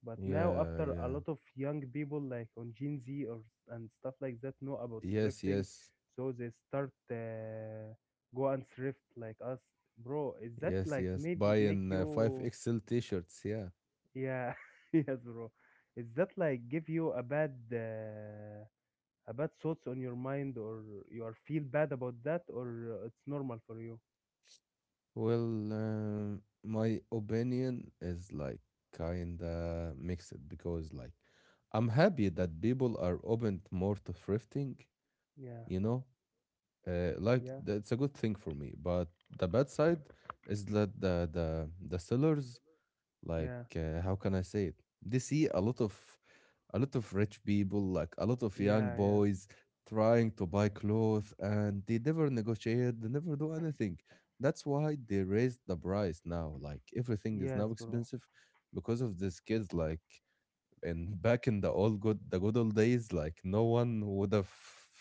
Speaker 2: But now,
Speaker 1: yeah,
Speaker 2: after a
Speaker 1: yeah.
Speaker 2: lot of young people, like on Gen Z or and stuff like that, know about
Speaker 1: Yes,
Speaker 2: thrifting,
Speaker 1: yes,
Speaker 2: so they start go and thrift like us, bro. Is that
Speaker 1: yes,
Speaker 2: like
Speaker 1: yes.
Speaker 2: made make
Speaker 1: Buying
Speaker 2: you?
Speaker 1: 5XL t-shirts, yeah.
Speaker 2: Yeah, yes, bro. Is that like give you a bad thoughts on your mind, or you are feel bad about that, or it's normal for you?
Speaker 1: Well, my opinion is like kinda mixed because like I'm happy that people are open more to thrifting,
Speaker 2: Yeah,
Speaker 1: you know. Like,
Speaker 2: yeah,
Speaker 1: that's a good thing for me, but the bad side is that the sellers, like,
Speaker 2: yeah,
Speaker 1: how can I say it? They see a lot of rich people, like a lot of young
Speaker 2: yeah, yeah.
Speaker 1: boys trying to buy clothes, and they never negotiate, they never do anything. That's why they raised the price now. Like, everything is
Speaker 2: Yes,
Speaker 1: now
Speaker 2: bro.
Speaker 1: expensive because of these kids. Like, and back in the good old days, like, no one would have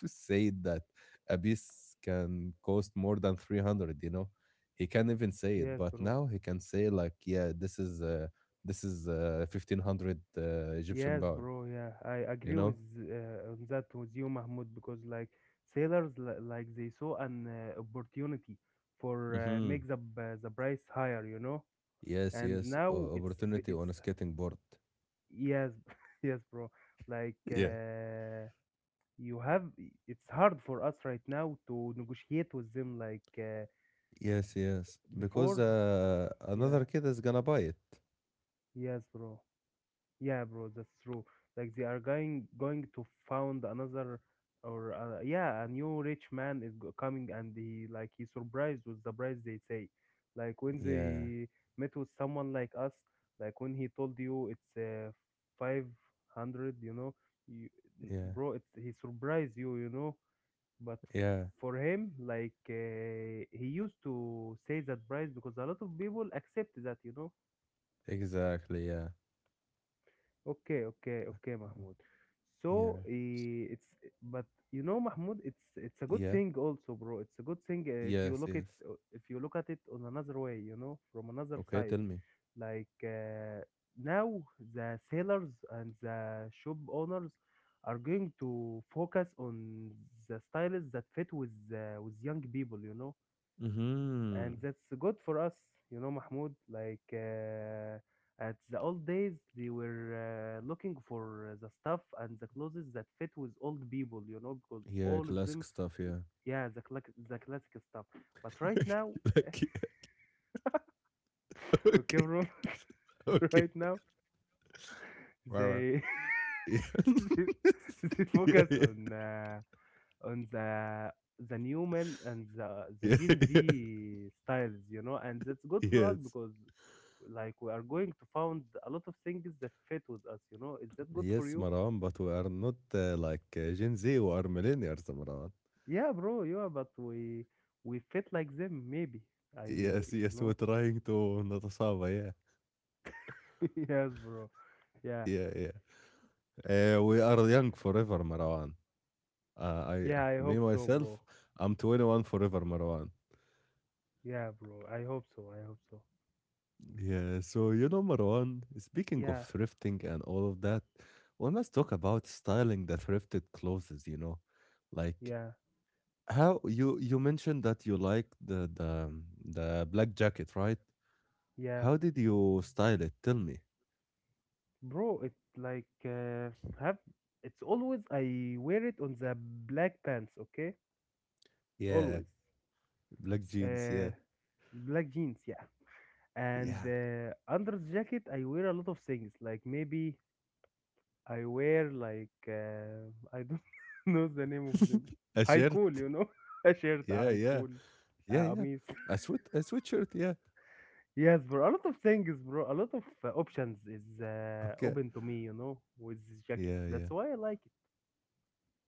Speaker 1: said that abyss can cost more than 300. He can't even say it,
Speaker 2: Yes,
Speaker 1: but
Speaker 2: bro.
Speaker 1: now he can say, like, yeah, this is 1500, egyptian
Speaker 2: Yes,
Speaker 1: pound
Speaker 2: bro. Yeah, I
Speaker 1: you
Speaker 2: agree with
Speaker 1: know
Speaker 2: on that with you, Mahmoud, because like sailors, like they saw an opportunity for
Speaker 1: Mm-hmm.
Speaker 2: make the price higher, you know.
Speaker 1: Yes,
Speaker 2: And
Speaker 1: yes,
Speaker 2: now
Speaker 1: opportunity
Speaker 2: it's
Speaker 1: on a skating board.
Speaker 2: yes, yes, bro. Like
Speaker 1: Yeah,
Speaker 2: you have, it's hard for us right now to negotiate with them. Like
Speaker 1: yes, yes, because
Speaker 2: before, yeah,
Speaker 1: another kid is gonna buy it.
Speaker 2: yes, bro. Yeah, bro, that's true. Like they are going to found another or yeah, a new rich man is coming and he like he surprised with the price they say. Like when
Speaker 1: Yeah,
Speaker 2: they met with someone like us, like when he told you it's 500, you know, you,
Speaker 1: yeah,
Speaker 2: bro, it's he surprised you, you know, but
Speaker 1: yeah,
Speaker 2: for him like he used to say that price because a lot of people accept that, you know.
Speaker 1: exactly, yeah,
Speaker 2: Okay, Mahmoud.
Speaker 1: yeah.
Speaker 2: But you know, Mahmoud, it's a good
Speaker 1: Yeah.
Speaker 2: thing also, bro. It's a good thing if you
Speaker 1: Yes,
Speaker 2: look at
Speaker 1: yes.
Speaker 2: if you look at it on another way, you know, from another
Speaker 1: Okay, tell
Speaker 2: side.
Speaker 1: me.
Speaker 2: Like uh, Now, the sailors and the shop owners are going to focus on the styles that fit with young people, you know,
Speaker 1: Mhm.
Speaker 2: and that's good for us. You know Mahmoud, at the old days they were looking for the stuff and the clothes that fit with old people, you know, because
Speaker 1: Yeah,
Speaker 2: all of
Speaker 1: classic
Speaker 2: them,
Speaker 1: stuff, yeah.
Speaker 2: yeah, the classic stuff. But right now,
Speaker 1: Like, yeah.
Speaker 2: okay
Speaker 1: Okay.
Speaker 2: bro,
Speaker 1: Okay.
Speaker 2: right now
Speaker 1: Right, right.
Speaker 2: they
Speaker 1: Yeah.
Speaker 2: they, they
Speaker 1: Yeah,
Speaker 2: focus
Speaker 1: yeah.
Speaker 2: on the new men and the
Speaker 1: Yeah,
Speaker 2: Gen
Speaker 1: yeah.
Speaker 2: Z styles, you know, and that's good for us
Speaker 1: Yes.
Speaker 2: because like we are going to find a lot of things that fit with us, you know. Is that good for
Speaker 1: Yes,
Speaker 2: you?
Speaker 1: Maran, but we are not, like, Gen Z, we are millennials, Maran.
Speaker 2: Yeah bro, yeah, but we fit like them maybe. i uh,
Speaker 1: Yes,
Speaker 2: you
Speaker 1: yes, we're
Speaker 2: know
Speaker 1: trying to Natasava, yeah.
Speaker 2: Yes bro. Yeah,
Speaker 1: Yeah, yeah. We are young forever, Marwan.
Speaker 2: yeah, I
Speaker 1: Me
Speaker 2: hope so bro.
Speaker 1: myself, I'm 21 forever, Marwan.
Speaker 2: Yeah bro, I hope so, I hope so.
Speaker 1: Yeah, so you know, Marwan, speaking of
Speaker 2: Yeah.
Speaker 1: thrifting and all of that, we must talk about styling the thrifted clothes, you know.
Speaker 2: Yeah.
Speaker 1: Like how you mentioned that you like the black jacket, right?
Speaker 2: Yeah
Speaker 1: How did you style it? Tell me.
Speaker 2: bro, it like uh, have, it's always I wear it on the black pants, okay,
Speaker 1: Yeah,
Speaker 2: always.
Speaker 1: black jeans,
Speaker 2: uh
Speaker 1: yeah.
Speaker 2: Black jeans, yeah. And
Speaker 1: Yeah.
Speaker 2: under the jacket I wear a lot of things, like maybe I wear I don't know the name of them,
Speaker 1: A
Speaker 2: high
Speaker 1: shirt.
Speaker 2: cool, you know. A shirt, a
Speaker 1: Yeah,
Speaker 2: high
Speaker 1: yeah.
Speaker 2: cool.
Speaker 1: Yeah, yeah.
Speaker 2: قميص.
Speaker 1: A sweatshirt, yeah.
Speaker 2: Yes bro, a lot of things bro, a lot of options is
Speaker 1: Okay.
Speaker 2: open to me, you know, with this jacket.
Speaker 1: Yeah, yeah.
Speaker 2: That's why I like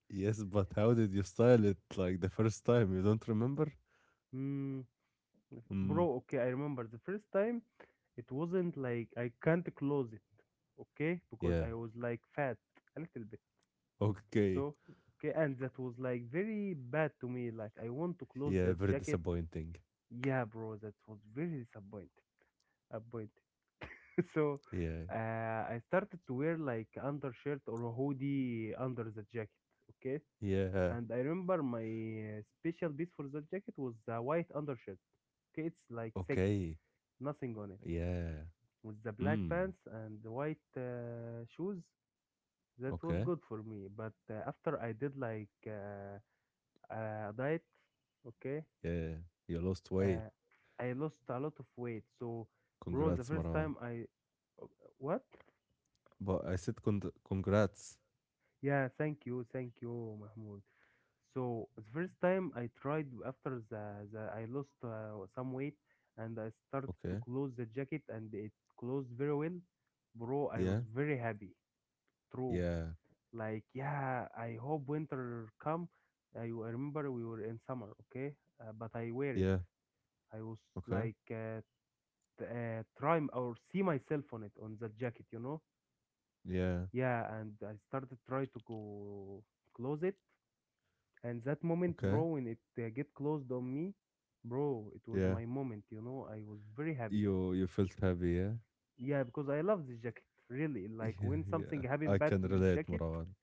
Speaker 1: Yes, but how did you style it like the first time? You don't remember?
Speaker 2: it. Bro,
Speaker 1: Mm.
Speaker 2: okay, I remember the first time, it wasn't like, I can't close it, okay, because
Speaker 1: Yeah,
Speaker 2: I was like fat a little bit.
Speaker 1: okay.
Speaker 2: So, okay, and that was like very bad to me. Like, I want to close
Speaker 1: Yeah,
Speaker 2: that
Speaker 1: very
Speaker 2: jacket.
Speaker 1: disappointing.
Speaker 2: Yeah, bro, that was very disappointed. Disappointed. So,
Speaker 1: Yeah.
Speaker 2: uh, I started to wear like undershirt or a hoodie under the jacket. Okay,
Speaker 1: Yeah.
Speaker 2: and I remember my special piece for that jacket was the white undershirt. Okay, it's like sick,
Speaker 1: Okay.
Speaker 2: nothing on it.
Speaker 1: Yeah.
Speaker 2: With the black
Speaker 1: Mm.
Speaker 2: pants and the white shoes, that was
Speaker 1: Okay.
Speaker 2: good for me. But after I did diet, okay.
Speaker 1: Yeah. You lost weight.
Speaker 2: uh, I lost a lot of weight. So bro, the
Speaker 1: Congrats,
Speaker 2: first
Speaker 1: Maran.
Speaker 2: time I, uh, what?
Speaker 1: But I said congrats.
Speaker 2: Yeah, thank you, thank you Mahmoud. So the first time I tried after the I lost some weight, and I started to
Speaker 1: Okay.
Speaker 2: close the jacket, and it closed very well. Bro, I was
Speaker 1: Yeah.
Speaker 2: very happy. True.
Speaker 1: Yeah.
Speaker 2: Like, yeah, I hope winter come. I remember we were in summer, okay, but I wear it.
Speaker 1: Yeah.
Speaker 2: I was
Speaker 1: Okay.
Speaker 2: like uh, try or see myself on it, on that jacket, you know.
Speaker 1: Yeah.
Speaker 2: Yeah, and I started try to go close it, and that moment bro,
Speaker 1: Okay.
Speaker 2: when it get closed on me, bro, it was
Speaker 1: Yeah.
Speaker 2: my moment, you know, I was very happy.
Speaker 1: You felt happy, yeah?
Speaker 2: Yeah, because I love this jacket, really. Like,
Speaker 1: Yeah,
Speaker 2: when something
Speaker 1: yeah.
Speaker 2: happened
Speaker 1: I
Speaker 2: bad
Speaker 1: can
Speaker 2: to this
Speaker 1: relate,
Speaker 2: jacket.
Speaker 1: Marwan.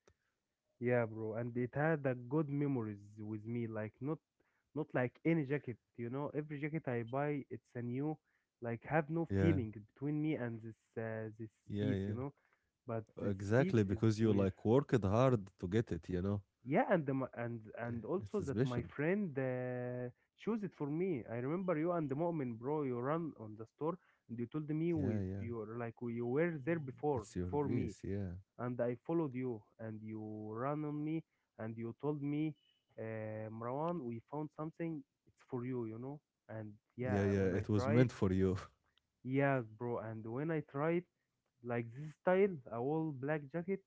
Speaker 2: Yeah, bro, and it had a good memories with me. Like not, not like any jacket. You know, every jacket I buy, it's a new, like have no
Speaker 1: Yeah.
Speaker 2: feeling between me and this
Speaker 1: Yeah,
Speaker 2: piece. You
Speaker 1: yeah.
Speaker 2: know, but this piece
Speaker 1: Exactly,
Speaker 2: is
Speaker 1: because you
Speaker 2: where.
Speaker 1: like worked hard to get it, you know.
Speaker 2: Yeah, and the
Speaker 1: Eh,
Speaker 2: and also
Speaker 1: it's
Speaker 2: that my
Speaker 1: special.
Speaker 2: friend chose it for me. I remember you and the Mu'min, bro. You run on the store and you told me
Speaker 1: Yeah,
Speaker 2: with,
Speaker 1: yeah.
Speaker 2: you were like you were there
Speaker 1: Mm,
Speaker 2: before
Speaker 1: it's your
Speaker 2: before me,
Speaker 1: piece, yeah.
Speaker 2: and I followed you, and you ran on me, and you told me, Marwan, we found something. It's for you, you know. And
Speaker 1: Yeah,
Speaker 2: yeah, when
Speaker 1: yeah.
Speaker 2: I
Speaker 1: It was
Speaker 2: tried,
Speaker 1: meant for you.
Speaker 2: yes, bro. And when I tried, like this style, a all black jacket,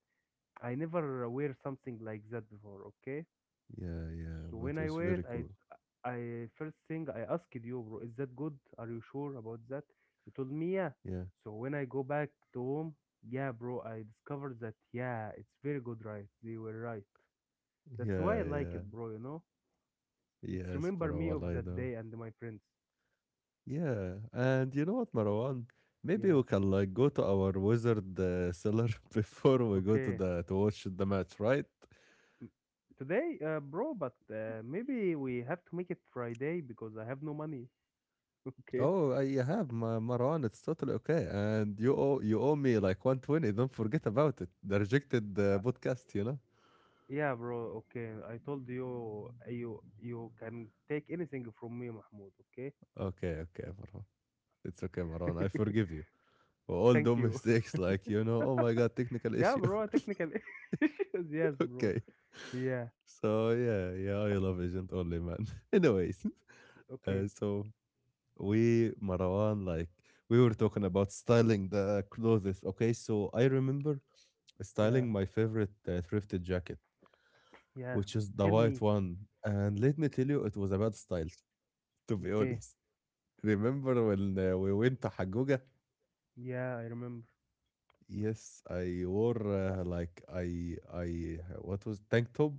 Speaker 2: I never wear something like that before. Okay,
Speaker 1: Yeah, yeah.
Speaker 2: so
Speaker 1: But
Speaker 2: when
Speaker 1: was
Speaker 2: I
Speaker 1: very
Speaker 2: wear it,
Speaker 1: cool.
Speaker 2: I first thing I asked you, bro, is that good? Are you sure about that? You told me yeah.
Speaker 1: Yeah.
Speaker 2: So when I go back to home, yeah, bro, I discovered that, yeah, it's very good, right? They were right. That's why I
Speaker 1: Yeah,
Speaker 2: like
Speaker 1: yeah.
Speaker 2: it, bro. You know, it's
Speaker 1: Yes,
Speaker 2: remember me
Speaker 1: Marwan,
Speaker 2: of
Speaker 1: I
Speaker 2: that
Speaker 1: know.
Speaker 2: day and my friends.
Speaker 1: Yeah. And you know what, Marwan? Maybe we
Speaker 2: Yeah.
Speaker 1: can like go to our wizard cellar before we go to
Speaker 2: Okay.
Speaker 1: the to watch the match, right?
Speaker 2: M- Today, bro, but maybe we have to make it Friday because I have no money. Okay.
Speaker 1: Oh, I have Ma- Marwan. It's totally okay. And you owe me like 120. Don't forget about it. The rejected
Speaker 2: Uh,
Speaker 1: podcast, you know?
Speaker 2: yeah, bro. Okay. I told you, you you can take anything from me, Mahmoud.
Speaker 1: Okay, okay, Marwan. It's okay, Marwan.
Speaker 2: Okay.
Speaker 1: I forgive you for all the
Speaker 2: Thank you.
Speaker 1: mistakes, like you know, oh my god, technical
Speaker 2: Yeah,
Speaker 1: issue.
Speaker 2: bro, technical issues. Yes, bro.
Speaker 1: Okay,
Speaker 2: Yeah.
Speaker 1: so yeah, yeah, I love Agent Only, man. Anyways,
Speaker 2: Okay.
Speaker 1: so we Marwan, like we were talking about styling the clothes. Okay, so I remember
Speaker 2: Yeah.
Speaker 1: styling my favorite thrifted jacket,
Speaker 2: Yeah.
Speaker 1: which is the
Speaker 2: Tell
Speaker 1: white
Speaker 2: me.
Speaker 1: one, and let me tell you, it was a bad style, to be
Speaker 2: Okay.
Speaker 1: honest. Remember when we went to Hagoga?
Speaker 2: Yeah, I remember.
Speaker 1: Yes, I wore like I what was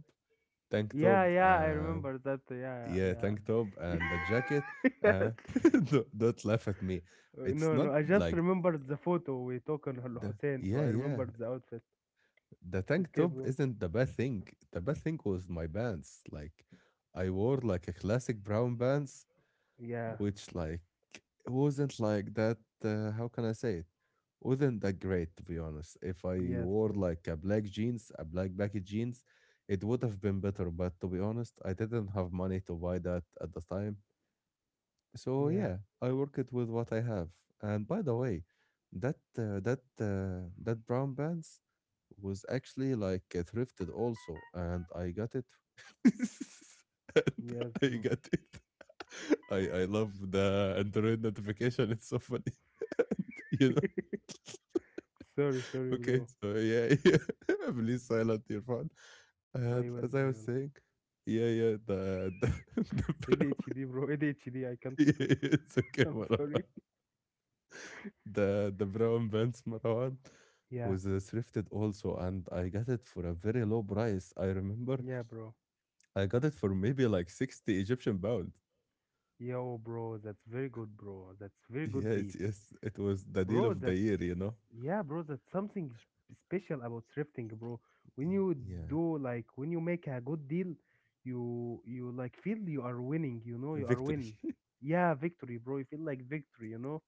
Speaker 1: tank top
Speaker 2: Yeah, yeah, I
Speaker 1: and
Speaker 2: remember that. Yeah,
Speaker 1: Yeah,
Speaker 2: yeah.
Speaker 1: tank top
Speaker 2: Yeah.
Speaker 1: and the jacket.
Speaker 2: Yes.
Speaker 1: Uh, don't laugh at me. It's
Speaker 2: No, no,
Speaker 1: not
Speaker 2: I just
Speaker 1: like
Speaker 2: remembered the photo we took on Al
Speaker 1: the.
Speaker 2: Hussein, so
Speaker 1: Yeah,
Speaker 2: I
Speaker 1: yeah.
Speaker 2: remembered the outfit.
Speaker 1: The tank
Speaker 2: Okay,
Speaker 1: top
Speaker 2: bro.
Speaker 1: isn't the bad thing. The bad thing was my pants. Like I wore like a classic brown pants,
Speaker 2: Yeah.
Speaker 1: which like wasn't like that. How can I say it? Wasn't that great to be honest. If I
Speaker 2: Yes,
Speaker 1: wore
Speaker 2: bro.
Speaker 1: like a black jeans, a black baggy jeans, it would have been better, but to be honest I didn't have money to buy that at the time. So
Speaker 2: Yeah.
Speaker 1: yeah, I work it with what I have. And by the way, that brown pants was actually like thrifted also, and I got it. And
Speaker 2: Yes,
Speaker 1: I
Speaker 2: bro.
Speaker 1: got it. I love the Android notification. It's so funny. You know.
Speaker 2: Sorry, sorry,
Speaker 1: Okay,
Speaker 2: bro.
Speaker 1: so yeah, yeah. Please silent your phone.
Speaker 2: I will,
Speaker 1: And as
Speaker 2: I
Speaker 1: I
Speaker 2: will.
Speaker 1: was saying, yeah, yeah, the, the brown.
Speaker 2: ADHD, bro. ADHD, I can't
Speaker 1: Yeah,
Speaker 2: stop.
Speaker 1: yeah, it's okay,
Speaker 2: I'm
Speaker 1: whatever.
Speaker 2: sorry.
Speaker 1: The brown pants Marwan
Speaker 2: Yeah.
Speaker 1: was thrifted also, and I got it for a very low price. I remember
Speaker 2: Yeah, bro.
Speaker 1: I got it for maybe like 60 Egyptian pound.
Speaker 2: Yo, bro, that's very good, bro. That's very good deal,
Speaker 1: Yes, yes, it was the deal
Speaker 2: bro.
Speaker 1: of the
Speaker 2: That's,
Speaker 1: year, you know.
Speaker 2: yeah, bro. That's something special about thrifting, bro. When you
Speaker 1: Yeah,
Speaker 2: do, like when you make a good deal, you like feel you are winning. You know, you are
Speaker 1: victory.
Speaker 2: win. Yeah, victory, bro. You feel like victory, you know.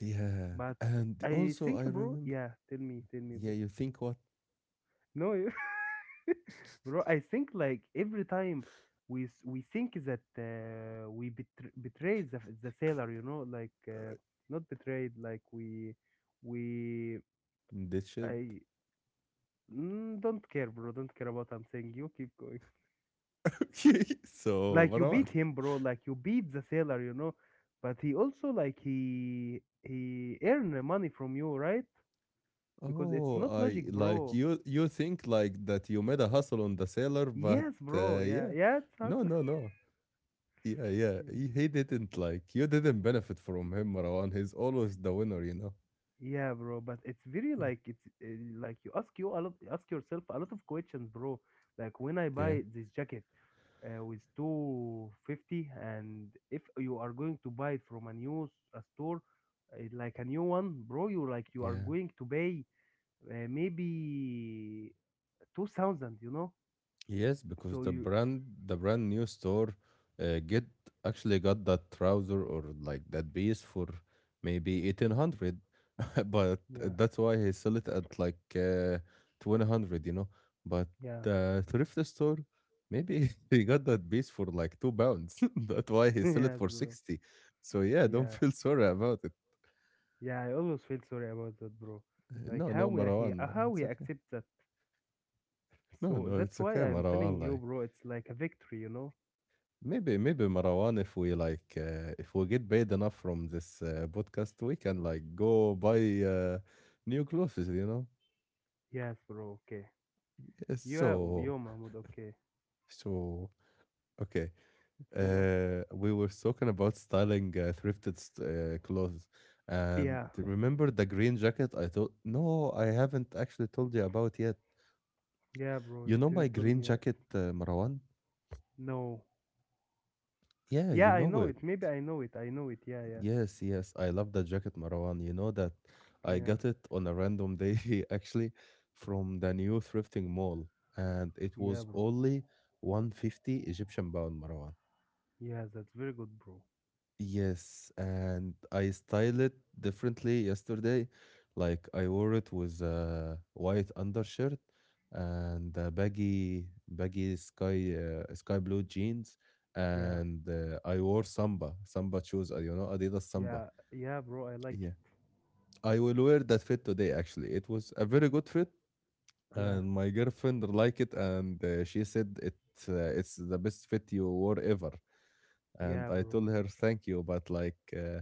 Speaker 1: Yeah,
Speaker 2: But
Speaker 1: and
Speaker 2: I
Speaker 1: also
Speaker 2: think,
Speaker 1: I
Speaker 2: bro.
Speaker 1: remember.
Speaker 2: Yeah, tell me,
Speaker 1: Yeah,
Speaker 2: bro.
Speaker 1: you think what?
Speaker 2: No, you- bro. I think like every time we think that we betray the sailor, you know, not betrayed, like we
Speaker 1: Ditched.
Speaker 2: I don't care, bro. Don't care about what I'm saying. You keep going.
Speaker 1: Okay, so
Speaker 2: Like you beat
Speaker 1: Marwan.
Speaker 2: him, bro. Like you beat the sailor, you know. But he also like he earn the money from you, right? Because it's
Speaker 1: Oh,
Speaker 2: not
Speaker 1: I
Speaker 2: logic,
Speaker 1: like
Speaker 2: bro.
Speaker 1: you. You think like that you made a hustle on the seller, but
Speaker 2: Yes, bro. Yeah,
Speaker 1: yeah,
Speaker 2: yeah. It's us.
Speaker 1: no, no, no. Yeah, yeah. He, he didn't like you didn't benefit from him, Marwan. He's always the winner, you know.
Speaker 2: Yeah, bro, but it's very
Speaker 1: Yeah,
Speaker 2: like it's like you ask you a lot, ask yourself a lot of questions, bro. Like when I
Speaker 1: yeah.
Speaker 2: buy this jacket with 250, and if you are going to buy it from a a store, like a new one, bro, you like you are
Speaker 1: Yeah.
Speaker 2: going to pay maybe 2,000, you know.
Speaker 1: Yes, because
Speaker 2: So
Speaker 1: the
Speaker 2: you,
Speaker 1: brand the brand new store get actually got that trouser or like that piece for maybe 1,800, but
Speaker 2: yeah,
Speaker 1: that's why he sell it at like 2,000, you know. But
Speaker 2: yeah,
Speaker 1: thrift store, maybe he got that piece for like 2 pounds. That's why he sell it
Speaker 2: yes,
Speaker 1: for
Speaker 2: bro,
Speaker 1: 60. So yeah, don't
Speaker 2: yeah,
Speaker 1: feel sorry about it.
Speaker 2: yeah. I always feel sorry about that, bro. Like
Speaker 1: No,
Speaker 2: how
Speaker 1: no,
Speaker 2: we he
Speaker 1: Marwan.
Speaker 2: how
Speaker 1: It's
Speaker 2: he
Speaker 1: okay.
Speaker 2: accepts that.
Speaker 1: No,
Speaker 2: So
Speaker 1: no,
Speaker 2: that's
Speaker 1: it's
Speaker 2: why
Speaker 1: okay,
Speaker 2: I'm telling
Speaker 1: Marwan.
Speaker 2: you,
Speaker 1: Like
Speaker 2: bro, it's like a victory, you know?
Speaker 1: maybe, maybe Marwan, if we like, if we get paid enough from this podcast, we can like go buy new clothes. You know.
Speaker 2: Yes, bro, okay.
Speaker 1: Yes.
Speaker 2: Yeah,
Speaker 1: So,
Speaker 2: yo, Mahmoud, okay.
Speaker 1: so okay.
Speaker 2: So what?
Speaker 1: We were talking about styling thrifted clothes, and
Speaker 2: Yeah,
Speaker 1: remember the green jacket? I thought no, I haven't actually told you about yet.
Speaker 2: yeah, bro,
Speaker 1: You
Speaker 2: you
Speaker 1: know my
Speaker 2: didn't tell
Speaker 1: green
Speaker 2: me.
Speaker 1: jacket, Marwan?
Speaker 2: No.
Speaker 1: Yeah, you
Speaker 2: Yeah, I
Speaker 1: know
Speaker 2: know
Speaker 1: it.
Speaker 2: it. Maybe I know it. I know it. Yeah, yeah.
Speaker 1: Yes, yes, I love that jacket, Marwan. You know that I
Speaker 2: Yeah,
Speaker 1: got it on a random day actually from the new thrifting mall, and it
Speaker 2: yeah,
Speaker 1: was
Speaker 2: bro.
Speaker 1: only 150 Egyptian pound, Marwan.
Speaker 2: Yeah, that's very good, bro.
Speaker 1: Yes, and I styled it differently yesterday. Like I wore it with a white undershirt and a baggy sky blue jeans,
Speaker 2: Yeah,
Speaker 1: and I wore Samba shoes, you know, Adidas Samba.
Speaker 2: yeah, yeah, bro, I like it.
Speaker 1: I will wear that fit today actually. It was a very good fit
Speaker 2: Yeah,
Speaker 1: and my girlfriend liked it, and she said it it's the best fit you wore ever. And
Speaker 2: yeah,
Speaker 1: I
Speaker 2: bro.
Speaker 1: told her thank you, but like uh,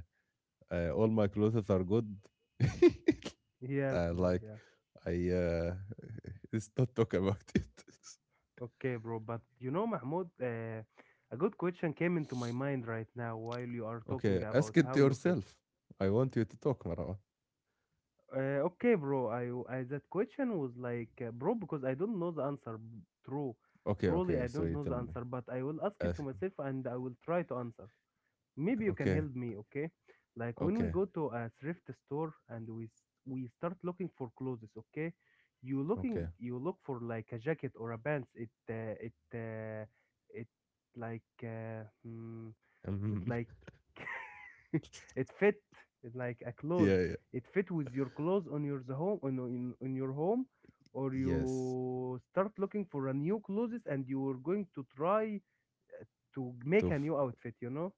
Speaker 1: uh, all my clothes are good.
Speaker 2: Yes, bro,
Speaker 1: Like
Speaker 2: yeah.
Speaker 1: I let's not talk about it.
Speaker 2: Okay, bro, but you know, Mahmoud, a good question came into my mind right now while you are talking
Speaker 1: Okay,
Speaker 2: about
Speaker 1: ask it to
Speaker 2: how you fit.
Speaker 1: yourself. I want you to talk, Marwa.
Speaker 2: Okay, bro. I, that question was like, bro, because I don't know the answer. True,
Speaker 1: Okay,
Speaker 2: truly, I
Speaker 1: okay. So
Speaker 2: don't
Speaker 1: you
Speaker 2: know the
Speaker 1: tell me.
Speaker 2: answer, but I will ask it
Speaker 1: Ask.
Speaker 2: to myself and I will try to answer. Maybe you can
Speaker 1: Okay,
Speaker 2: help me, okay? Like when we
Speaker 1: okay,
Speaker 2: go to a thrift store and we start looking for clothes, okay? You
Speaker 1: okay.
Speaker 2: looking, you look for like a jacket or a pants. It it it like hmm, it
Speaker 1: Mhm.
Speaker 2: like it fit like a clothes,
Speaker 1: Yeah, yeah.
Speaker 2: it fit with your clothes on your the home on your home, or
Speaker 1: Yes.
Speaker 2: you start looking for a new clothes and you are going to try to make
Speaker 1: To
Speaker 2: a new outfit, you know,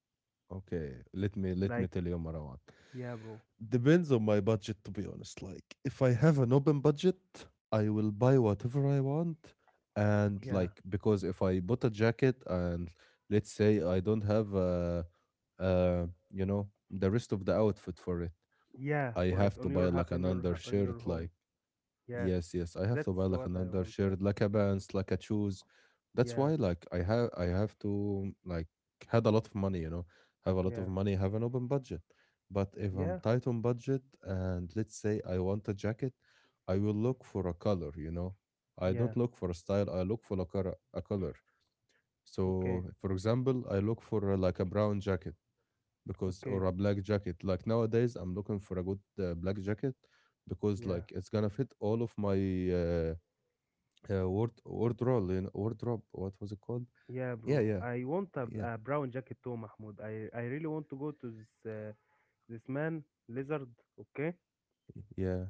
Speaker 1: okay, let me
Speaker 2: like.
Speaker 1: tell you, Marwan.
Speaker 2: Yeah bro,
Speaker 1: Depends on my budget, to be honest. Like, if I have an open budget, I will buy whatever I want, and
Speaker 2: yeah,
Speaker 1: like because if I bought a jacket and let's say I don't have you know, the rest of the outfit for it,
Speaker 2: yeah,
Speaker 1: I
Speaker 2: for it
Speaker 1: have to
Speaker 2: on
Speaker 1: buy
Speaker 2: your
Speaker 1: like an
Speaker 2: on your
Speaker 1: undershirt,
Speaker 2: home.
Speaker 1: like
Speaker 2: Yes,
Speaker 1: Yes, yes. I have
Speaker 2: that's
Speaker 1: to buy like
Speaker 2: what I
Speaker 1: another
Speaker 2: want to
Speaker 1: shirt,
Speaker 2: ask.
Speaker 1: like a pants, like a shoes. That's
Speaker 2: Yeah,
Speaker 1: why like I have to like had a lot of money, you know. Have a lot of
Speaker 2: yeah,
Speaker 1: money, have an open budget. But if I'm
Speaker 2: yeah,
Speaker 1: tight on budget and let's say I want a jacket, I will look for a color, you know. I don't
Speaker 2: yeah,
Speaker 1: look for a style, I look for a color.
Speaker 2: okay,
Speaker 1: So, for example, I look for like a brown jacket because or
Speaker 2: okay.
Speaker 1: a black jacket. Like nowadays I'm looking for a good black jacket because
Speaker 2: Yeah,
Speaker 1: like it's gonna fit all of my wardrobe, you know. Wardrobe, what was it called.
Speaker 2: yeah bro,
Speaker 1: Yeah, yeah,
Speaker 2: I want a
Speaker 1: yeah,
Speaker 2: brown jacket too, Mahmoud. I really want to go to this man lizard, okay,
Speaker 1: yeah,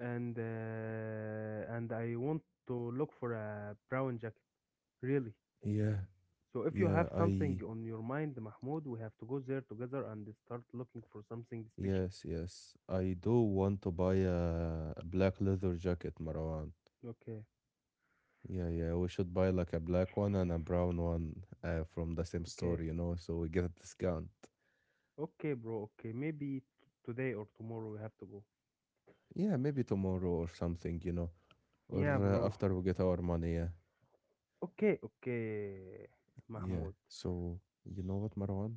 Speaker 2: and I want to look for a brown jacket, really.
Speaker 1: yeah,
Speaker 2: So if you
Speaker 1: yeah.
Speaker 2: have something
Speaker 1: I
Speaker 2: on your mind, Mahmoud, we have to go there together and start looking for something special.
Speaker 1: yes, yes, I do want to buy a black leather jacket, Marwan.
Speaker 2: Okay,
Speaker 1: Yeah, yeah, we should buy like a black one and a brown one from the same
Speaker 2: okay,
Speaker 1: store, you know, so we get a discount.
Speaker 2: okay bro, okay, maybe today or tomorrow, we have to go.
Speaker 1: Yeah, maybe tomorrow or something, you know, or
Speaker 2: Yeah bro,
Speaker 1: after we get our money, yeah.
Speaker 2: okay, okay Mahmoud.
Speaker 1: Yeah, so you know what, Marwan?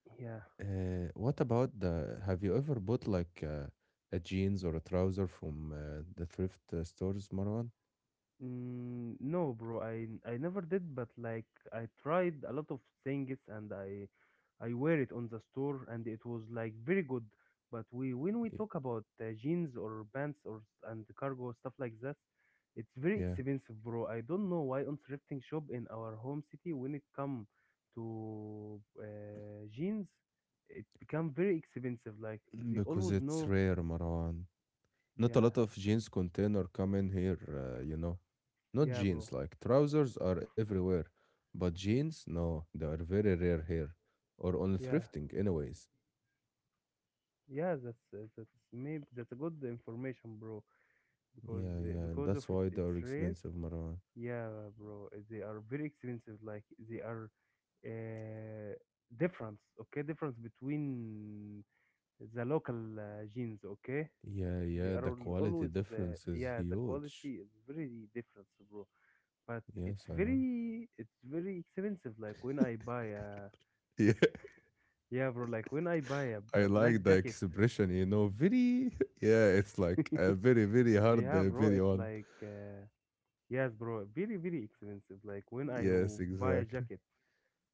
Speaker 2: Yeah.
Speaker 1: What about the have you ever bought like a jeans or a trouser from the thrift stores, Marwan?
Speaker 2: No, bro, I never did, but like I tried a lot of things, and I wear it on the store and it was like very good. But we when we
Speaker 1: Y-
Speaker 2: talk about jeans or pants or and cargo stuff like that, it's very
Speaker 1: yeah.
Speaker 2: expensive, bro. I don't know why on thrifting shop in our home city, when it come to jeans, it become very expensive. Like
Speaker 1: Mm,
Speaker 2: they
Speaker 1: because
Speaker 2: always
Speaker 1: it's
Speaker 2: know,
Speaker 1: rare, Marwan. Not a
Speaker 2: yeah,
Speaker 1: lot of jeans container come in here you know. Not
Speaker 2: yeah,
Speaker 1: jeans
Speaker 2: bro,
Speaker 1: like trousers are everywhere, but jeans no, they are very rare here, or on
Speaker 2: yeah.
Speaker 1: thrifting anyways.
Speaker 2: Yeah, that's maybe that's a good information, bro.
Speaker 1: Yeah, yeah, and
Speaker 2: Because of
Speaker 1: that's
Speaker 2: it,
Speaker 1: why they
Speaker 2: it's
Speaker 1: are
Speaker 2: rare.
Speaker 1: expensive, Marwan.
Speaker 2: Yeah, bro. They are very expensive. Like they are uh, difference. Okay, difference between the local genes. Okay,
Speaker 1: Yeah,
Speaker 2: they
Speaker 1: yeah,
Speaker 2: are
Speaker 1: the quality
Speaker 2: always
Speaker 1: difference is
Speaker 2: yeah. The
Speaker 1: huge.
Speaker 2: quality is very different, bro. But
Speaker 1: Yes,
Speaker 2: it's
Speaker 1: I know.
Speaker 2: very, it's very expensive. Like when I buy a,
Speaker 1: Yeah,
Speaker 2: yeah, bro. Like when I buy
Speaker 1: I
Speaker 2: a black
Speaker 1: like the
Speaker 2: jacket.
Speaker 1: expression, you know, very, yeah, it's like a very, very hard
Speaker 2: Yeah, bro.
Speaker 1: video
Speaker 2: It's
Speaker 1: one.
Speaker 2: like. Yes, bro, very, very expensive. Like when I
Speaker 1: Yes,
Speaker 2: buy a
Speaker 1: exactly.
Speaker 2: jacket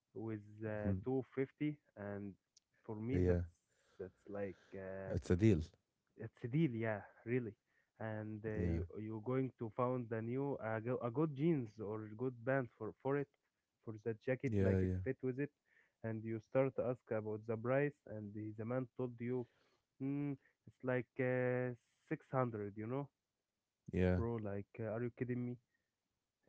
Speaker 2: with
Speaker 1: Mhm.
Speaker 2: 250, and for me,
Speaker 1: Yeah,
Speaker 2: that's like
Speaker 1: it's a deal.
Speaker 2: it's a deal, yeah, really. And
Speaker 1: Yeah,
Speaker 2: you you're going to found a new a good jeans or good pants for it, for that jacket, like
Speaker 1: yeah,
Speaker 2: it
Speaker 1: yeah,
Speaker 2: fit with it. And you start to ask about the price, and the man told you, mm, it's like 600, you know?
Speaker 1: yeah.
Speaker 2: Bro, like are you kidding me?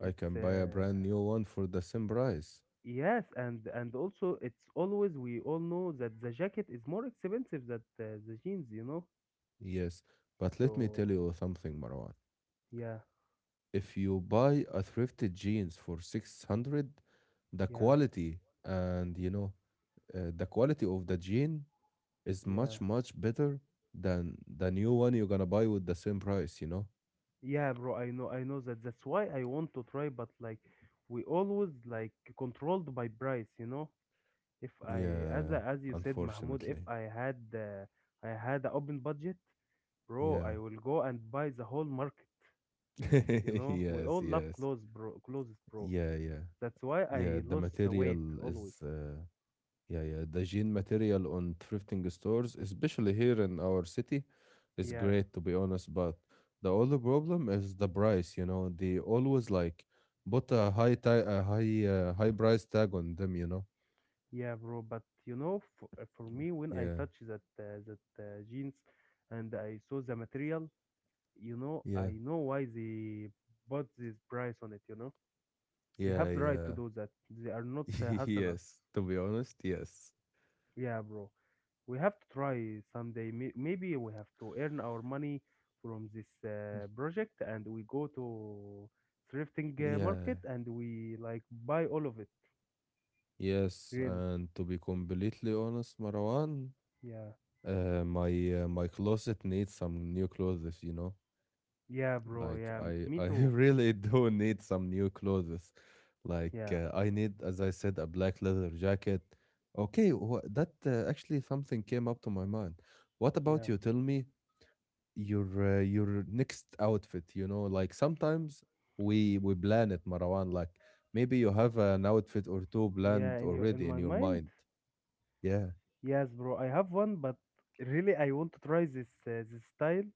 Speaker 1: I can buy a brand new one for the same price.
Speaker 2: Yes, and also it's always we all know that the jacket is more expensive than the jeans, you know.
Speaker 1: Yes, but let me tell
Speaker 2: So
Speaker 1: you something, Marwan.
Speaker 2: yeah,
Speaker 1: If you buy a thrifted jeans for 600, the
Speaker 2: yeah,
Speaker 1: quality and you know, the quality of the jean is
Speaker 2: yeah,
Speaker 1: much much better than the new one you're gonna buy with the same price, you know.
Speaker 2: yeah, bro. I know that. That's why I want to try, but like we always like controlled by price, you know. If I, as
Speaker 1: Yeah,
Speaker 2: as you said, Mahmoud, if
Speaker 1: unfortunately.
Speaker 2: I had I had an open budget, bro,
Speaker 1: Yeah.
Speaker 2: I will go and buy the whole market. You know, we
Speaker 1: Yes,
Speaker 2: all love
Speaker 1: yes.
Speaker 2: clothes, bro. Clothes, bro.
Speaker 1: Yeah, yeah,
Speaker 2: That's why I
Speaker 1: yeah, the
Speaker 2: lost the weight
Speaker 1: material
Speaker 2: always.
Speaker 1: is yeah, yeah, the jean material on thrifting stores, especially here in our city, is
Speaker 2: Yeah.
Speaker 1: great to be honest, but the only problem is the price, you know. They always like put a high tag, a high high price tag on them, you know.
Speaker 2: Yeah, bro, but you know, for me, when I
Speaker 1: Yeah,
Speaker 2: touch that that jeans, and I saw the material, you know,
Speaker 1: yeah,
Speaker 2: I know why they bought this price on it. You know, they
Speaker 1: yeah,
Speaker 2: have the right to
Speaker 1: yeah.
Speaker 2: do that. They are not hustle us.
Speaker 1: Yes, to be honest, yes.
Speaker 2: Yeah, bro, we have to try someday. Maybe we have to earn our money from this project, and we go to thrifting market,
Speaker 1: Yeah,
Speaker 2: and we like buy all of it.
Speaker 1: yes,
Speaker 2: Really?
Speaker 1: and to be completely honest, Marwan,
Speaker 2: Yeah,
Speaker 1: my my closet needs some new clothes, you know?
Speaker 2: yeah, bro.
Speaker 1: Like
Speaker 2: Yeah, me
Speaker 1: I
Speaker 2: too.
Speaker 1: really do need some new clothes. Like
Speaker 2: Yeah,
Speaker 1: I need, as I said, a black leather jacket. Okay, wha that actually something came up to my mind. What about
Speaker 2: yeah.
Speaker 1: you? Tell me, your next outfit, you know, like sometimes we plan it, Marwan. Like maybe you have an outfit or two
Speaker 2: Yeah,
Speaker 1: planned
Speaker 2: in your, in
Speaker 1: already in
Speaker 2: my
Speaker 1: your
Speaker 2: mind,
Speaker 1: mind. Yeah.
Speaker 2: yes, bro. I have one, but really I want to try this style,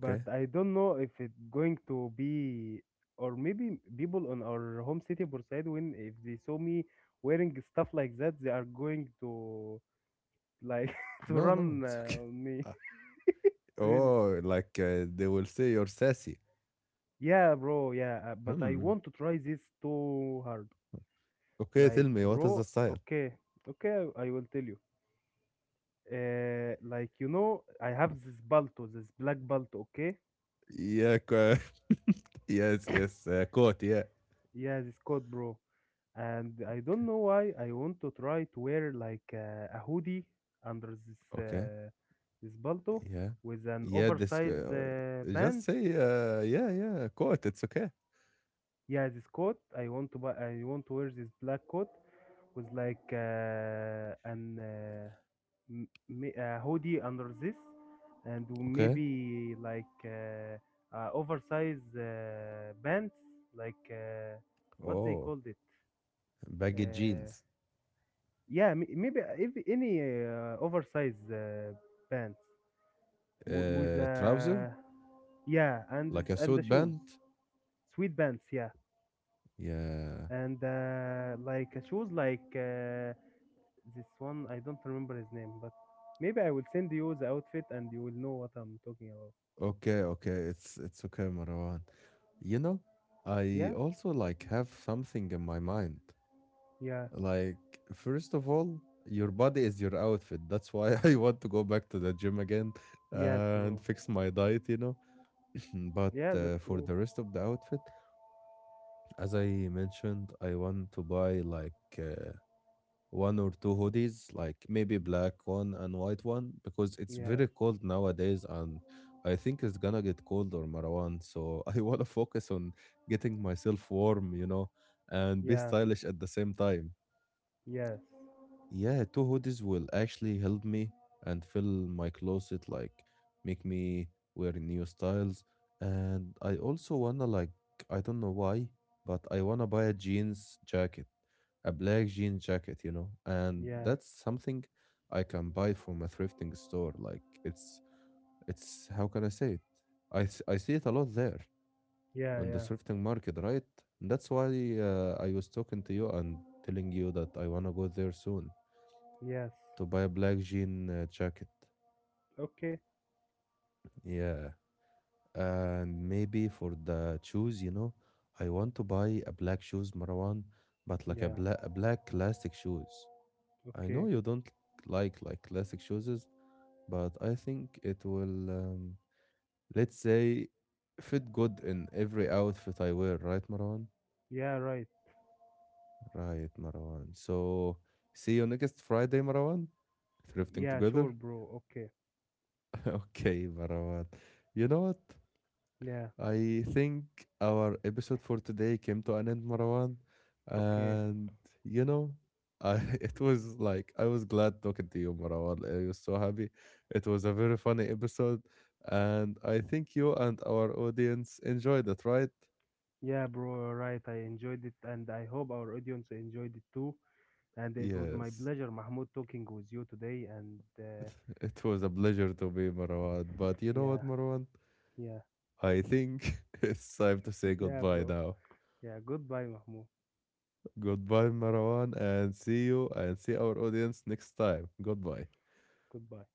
Speaker 2: but I don't know if it's going to be, or maybe people on our home city Bursaid, when, if they saw me wearing stuff like that, they are going to like to
Speaker 1: No, no,
Speaker 2: run
Speaker 1: it's okay.
Speaker 2: on me.
Speaker 1: Uh,
Speaker 2: Really.
Speaker 1: oh, like they will say you're sassy.
Speaker 2: Yeah, bro. Yeah, but I
Speaker 1: Hmm,
Speaker 2: want to try this too hard.
Speaker 1: okay,
Speaker 2: Like,
Speaker 1: tell me, what is
Speaker 2: bro,
Speaker 1: the style?
Speaker 2: okay. Okay, I will tell you. Like, you know, I have this Balto, this black Balto, okay?
Speaker 1: Yeah. Co- yes. Yes. Coat. Yeah.
Speaker 2: Yeah, this coat, bro. And I
Speaker 1: Okay.
Speaker 2: don't know why I want to try to wear a hoodie under
Speaker 1: Okay,
Speaker 2: this Balto
Speaker 1: yeah,
Speaker 2: with an
Speaker 1: yeah, this
Speaker 2: oversized
Speaker 1: just
Speaker 2: pants.
Speaker 1: say. Yeah. Yeah. Coat. It's okay.
Speaker 2: Yeah, this coat, I want to buy, I want to wear this black coat with a hoodie under this, and
Speaker 1: Okay.
Speaker 2: maybe oversized pants, like uh, what they
Speaker 1: Oh.
Speaker 2: called it,
Speaker 1: Baggy
Speaker 2: uh,
Speaker 1: jeans,
Speaker 2: yeah, maybe if any oversized pants w- with
Speaker 1: trouser,
Speaker 2: yeah,
Speaker 1: like a
Speaker 2: and the
Speaker 1: suit
Speaker 2: shoes,
Speaker 1: pant.
Speaker 2: sweet pants, yeah,
Speaker 1: Yeah.
Speaker 2: and shoes this one, I don't remember his name, but maybe I will send you the outfit and you will know what I'm talking about.
Speaker 1: Okay, okay. It's okay, Marwan. You know, I
Speaker 2: Yeah.
Speaker 1: also like have something in my mind.
Speaker 2: Yeah.
Speaker 1: Like, first of all, your body is your outfit. That's why I want to go back to the gym again
Speaker 2: Yes,
Speaker 1: and
Speaker 2: bro.
Speaker 1: fix my diet, you know. But
Speaker 2: Yeah, that's
Speaker 1: for
Speaker 2: true.
Speaker 1: the rest of the outfit, as I mentioned, I want to buy like one or two hoodies, like maybe black one and white one, because it's
Speaker 2: Yeah.
Speaker 1: very cold nowadays and I think it's gonna get colder, Marwan. So I wanna focus on getting myself warm, you know, and be
Speaker 2: Yeah.
Speaker 1: stylish at the same time.
Speaker 2: Yes.
Speaker 1: Yeah, two hoodies will actually help me and fill my closet, like make me wear new styles. And I also wanna like I don't know why, but I wanna buy a jeans jacket, a black jean jacket, you know. And
Speaker 2: Yeah.
Speaker 1: that's something I can buy from a thrifting store. Like it's how can I say it? I see it a lot there
Speaker 2: Yeah.
Speaker 1: on the
Speaker 2: Yeah.
Speaker 1: thrifting market, right? And that's why I was talking to you and telling you that I wanna go there soon
Speaker 2: Yes.
Speaker 1: to buy a black jean jacket.
Speaker 2: Okay.
Speaker 1: Yeah, and maybe for the shoes, you know, I want to buy a black shoes, Marwan, but like a
Speaker 2: Yeah.
Speaker 1: black a black classic shoes. I know
Speaker 2: Okay.
Speaker 1: you don't like classic shoes, but I think it will, let's say, fit good in every outfit I wear, right, Marwan?
Speaker 2: Yeah, right.
Speaker 1: Right, Marwan. So see you next Friday, Marwan. Thrifting
Speaker 2: Yeah, sure
Speaker 1: together.
Speaker 2: bro, okay.
Speaker 1: Okay, Marwan. You know what?
Speaker 2: Yeah.
Speaker 1: I think our episode for today came to an end, Marwan.
Speaker 2: Okay.
Speaker 1: And you know, I it was like I was glad talking to you, Marwan. I was so happy. It was a very funny episode, and I think you and our audience enjoyed it, right?
Speaker 2: Yeah bro, right, I enjoyed it and I hope our audience enjoyed it too. And it was my
Speaker 1: Yes.
Speaker 2: pleasure, Mahmoud, talking with you today. And
Speaker 1: It was a pleasure to be Marwan. But you know
Speaker 2: yeah,
Speaker 1: what, Marwan?
Speaker 2: yeah,
Speaker 1: I think it's time to say
Speaker 2: yeah,
Speaker 1: goodbye
Speaker 2: bro.
Speaker 1: now.
Speaker 2: Yeah, goodbye, Mahmoud.
Speaker 1: Goodbye, Marwan, and see you and see our audience next time. Goodbye.
Speaker 2: Goodbye.